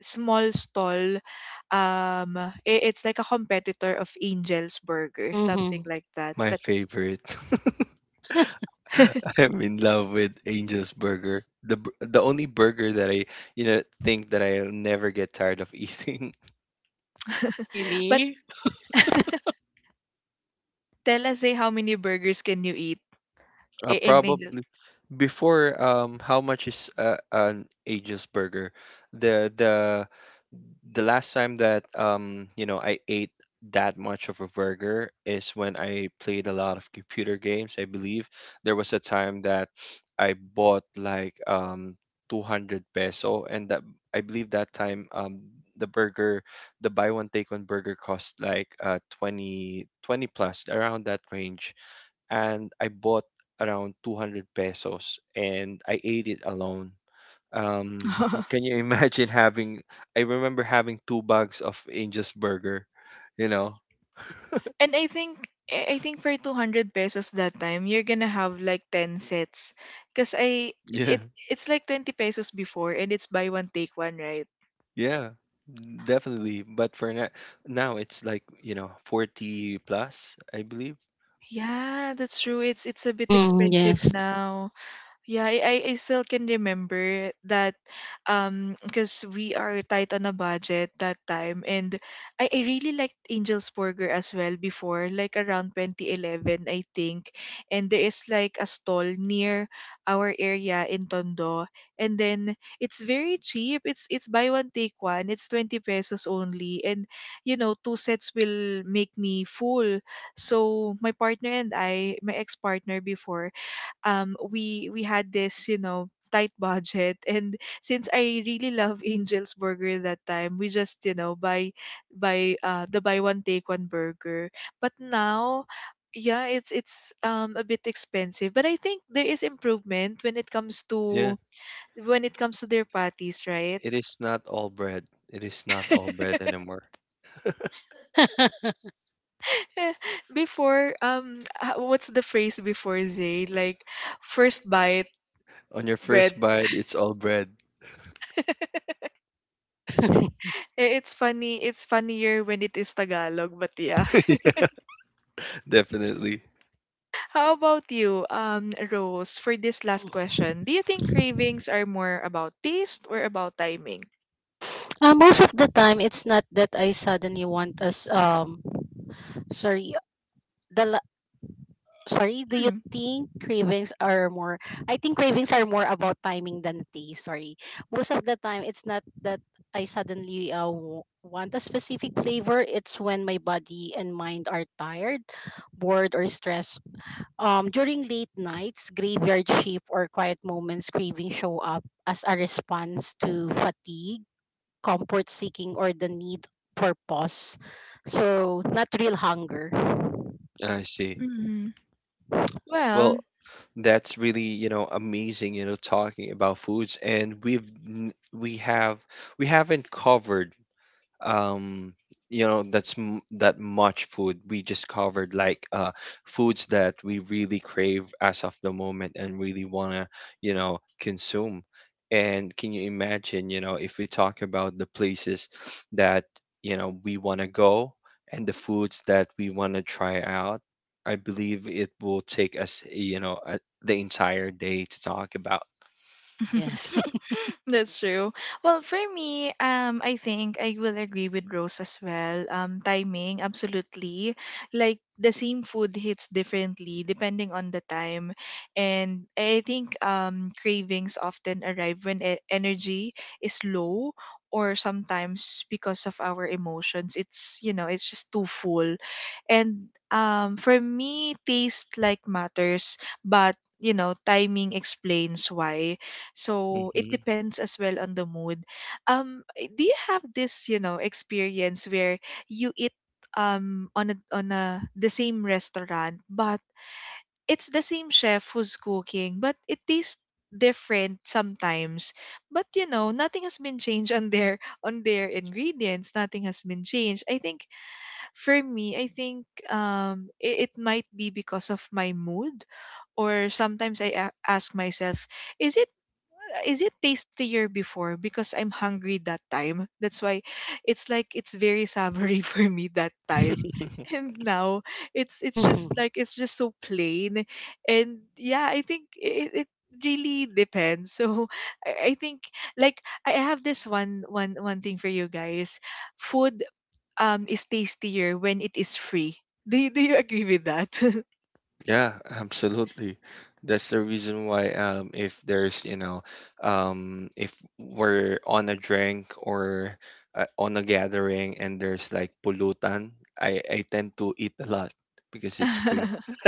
Speaker 1: small stall. Um, it's like a competitor of Angel's Burger,
Speaker 3: Mm-hmm.
Speaker 1: something like that.
Speaker 2: my
Speaker 1: But
Speaker 2: favorite. <laughs> <laughs>
Speaker 1: <laughs>
Speaker 2: I'm in love with Angel's Burger. The only burger that I you know think that I'll never get tired of eating. <laughs>
Speaker 1: but
Speaker 3: Really?
Speaker 1: <laughs> tell us, eh, how many burgers can you eat in Angel?
Speaker 2: Probably before how much is an Angel's burger? The the the last time that you know I ate that much of a burger is when I played a lot of computer games. I believe there was a time that I bought like 200 peso, and that I believe that time the burger the buy one take one burger cost like 20 20 plus around that range. And I bought around 200 pesos and I ate it alone.
Speaker 1: <laughs>
Speaker 2: Can you <laughs> imagine having, I remember having two bags of Angel's Burger, you know? <laughs>
Speaker 1: And I think for 200 pesos that time, you're gonna have like 10 sets. Because
Speaker 2: Yeah,
Speaker 1: it, it's like 20 pesos before, and it's buy one, take one, right?
Speaker 2: yeah, definitely. But for now, now it's like, you know, 40 plus, I believe.
Speaker 1: Yeah, that's true. It's a bit
Speaker 3: Hmm,
Speaker 1: expensive
Speaker 3: yes.
Speaker 1: now. Yeah, I I still can remember that because we are tight on a budget that time. And I really liked Angel's Burger as well before, like around 2011, I think. And there is like a stall near our area in Tondo, and then it's very cheap. It's buy one take one. It's 20 pesos only, and you know, two sets will make me full. So my partner and I, my ex-partner before, we had this, you know, tight budget <laughs> and since I really love <laughs> Angel's Burger that time, we just, you know, buy one take one burger. But now, yeah, it's a bit expensive. But I think there is improvement when it comes to,
Speaker 2: Yeah,
Speaker 1: when it comes to their patties, right?
Speaker 2: it is not all bread. It is not all
Speaker 1: <laughs>
Speaker 2: bread anymore.
Speaker 1: Before, what's the phrase before, Zay, like first bite,
Speaker 2: On your
Speaker 1: bread.
Speaker 2: first bite, it's all bread.
Speaker 1: <laughs> Eh, it's funny, it's funnier when it is Tagalog, but yeah. <laughs>
Speaker 2: <laughs> Definitely.
Speaker 1: How about you, Rose, for this last question? Do you think cravings are more about taste or about timing?
Speaker 3: Most of the time, it's not that I suddenly want us. Sorry. The la- Do you
Speaker 1: Mm.
Speaker 3: think cravings are more? I think cravings are more about timing than taste. Sorry. Most of the time, it's not that I suddenly want a specific flavor. It's when my body and mind are tired, bored, or stressed. During late nights, graveyard shift, or quiet moments, craving show up as a response to fatigue, comfort seeking, or the need for pause. So, not real hunger.
Speaker 2: I see.
Speaker 1: Mhm.
Speaker 2: Well,
Speaker 1: Well.
Speaker 2: that's really you know amazing you know talking about foods, and n- we have we haven't covered um you know that much food. We just covered like foods that we really crave as of the moment and really want to you know consume. And can you imagine you know if we talk about the places that you know we want to go and the foods that we want to try out, I believe it will take us you know the entire day to talk about.
Speaker 3: Yes.
Speaker 1: <laughs> That's true. Well, for me, I think I will agree with Rose as well. Timing, absolutely. Like the same food hits differently depending on the time. And I think cravings often arrive when energy is low, or sometimes because of our emotions. It's, you know, it's just too full. And for me, taste like matters, but, you know, timing explains why. So it
Speaker 2: Hmm.
Speaker 1: depends as well on the mood. Eh, do you have this, you know, experience where you eat on a the same restaurant, but it's the same chef who's cooking, but it tastes different sometimes? But you know, nothing has been changed on their <laughs> on their ingredients. Nothing has been changed. I think for me, I think it might be because of my mood. Or sometimes I ask myself, is it, is it tastier before because I'm hungry that time? That's why it's like it's very savory <laughs> for me that time.
Speaker 2: <laughs>
Speaker 1: And now it's just like
Speaker 3: <laughs>
Speaker 1: it's just so plain. And yeah, I think it really depends. <laughs> So I think, like I have this one thing for you guys. Food is tastier when it is free. Do you agree with that?
Speaker 2: Yeah, absolutely. That's the reason why if there's, you know, if we're on a drink or on a gathering and there's like pollutant, I tend to eat a lot because it's free.
Speaker 1: <laughs>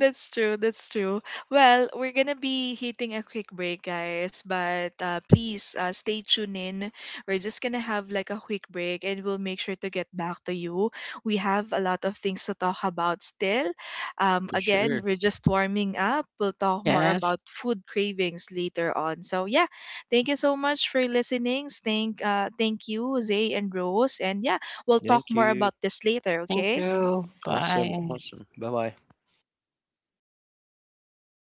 Speaker 1: That's true. That's true. Well, we're gonna be hitting a quick break, guys. But please stay tuned in. We're just gonna have like a quick break, and we'll make sure to get back to you. We have a lot of things to talk about still.
Speaker 2: For sure.
Speaker 1: Again, we're just warming up. We'll
Speaker 3: <laughs>
Speaker 1: talk more
Speaker 3: Yes.
Speaker 1: about food cravings later on. So yeah, thank you so much for listening. Thank you, Zay and Rose. And yeah, we'll talk
Speaker 2: Thank
Speaker 1: more
Speaker 2: you.
Speaker 1: about this later.
Speaker 3: Thank
Speaker 1: Okay.
Speaker 3: you.
Speaker 2: Awesome,
Speaker 3: Bye.
Speaker 2: awesome. Bye-bye.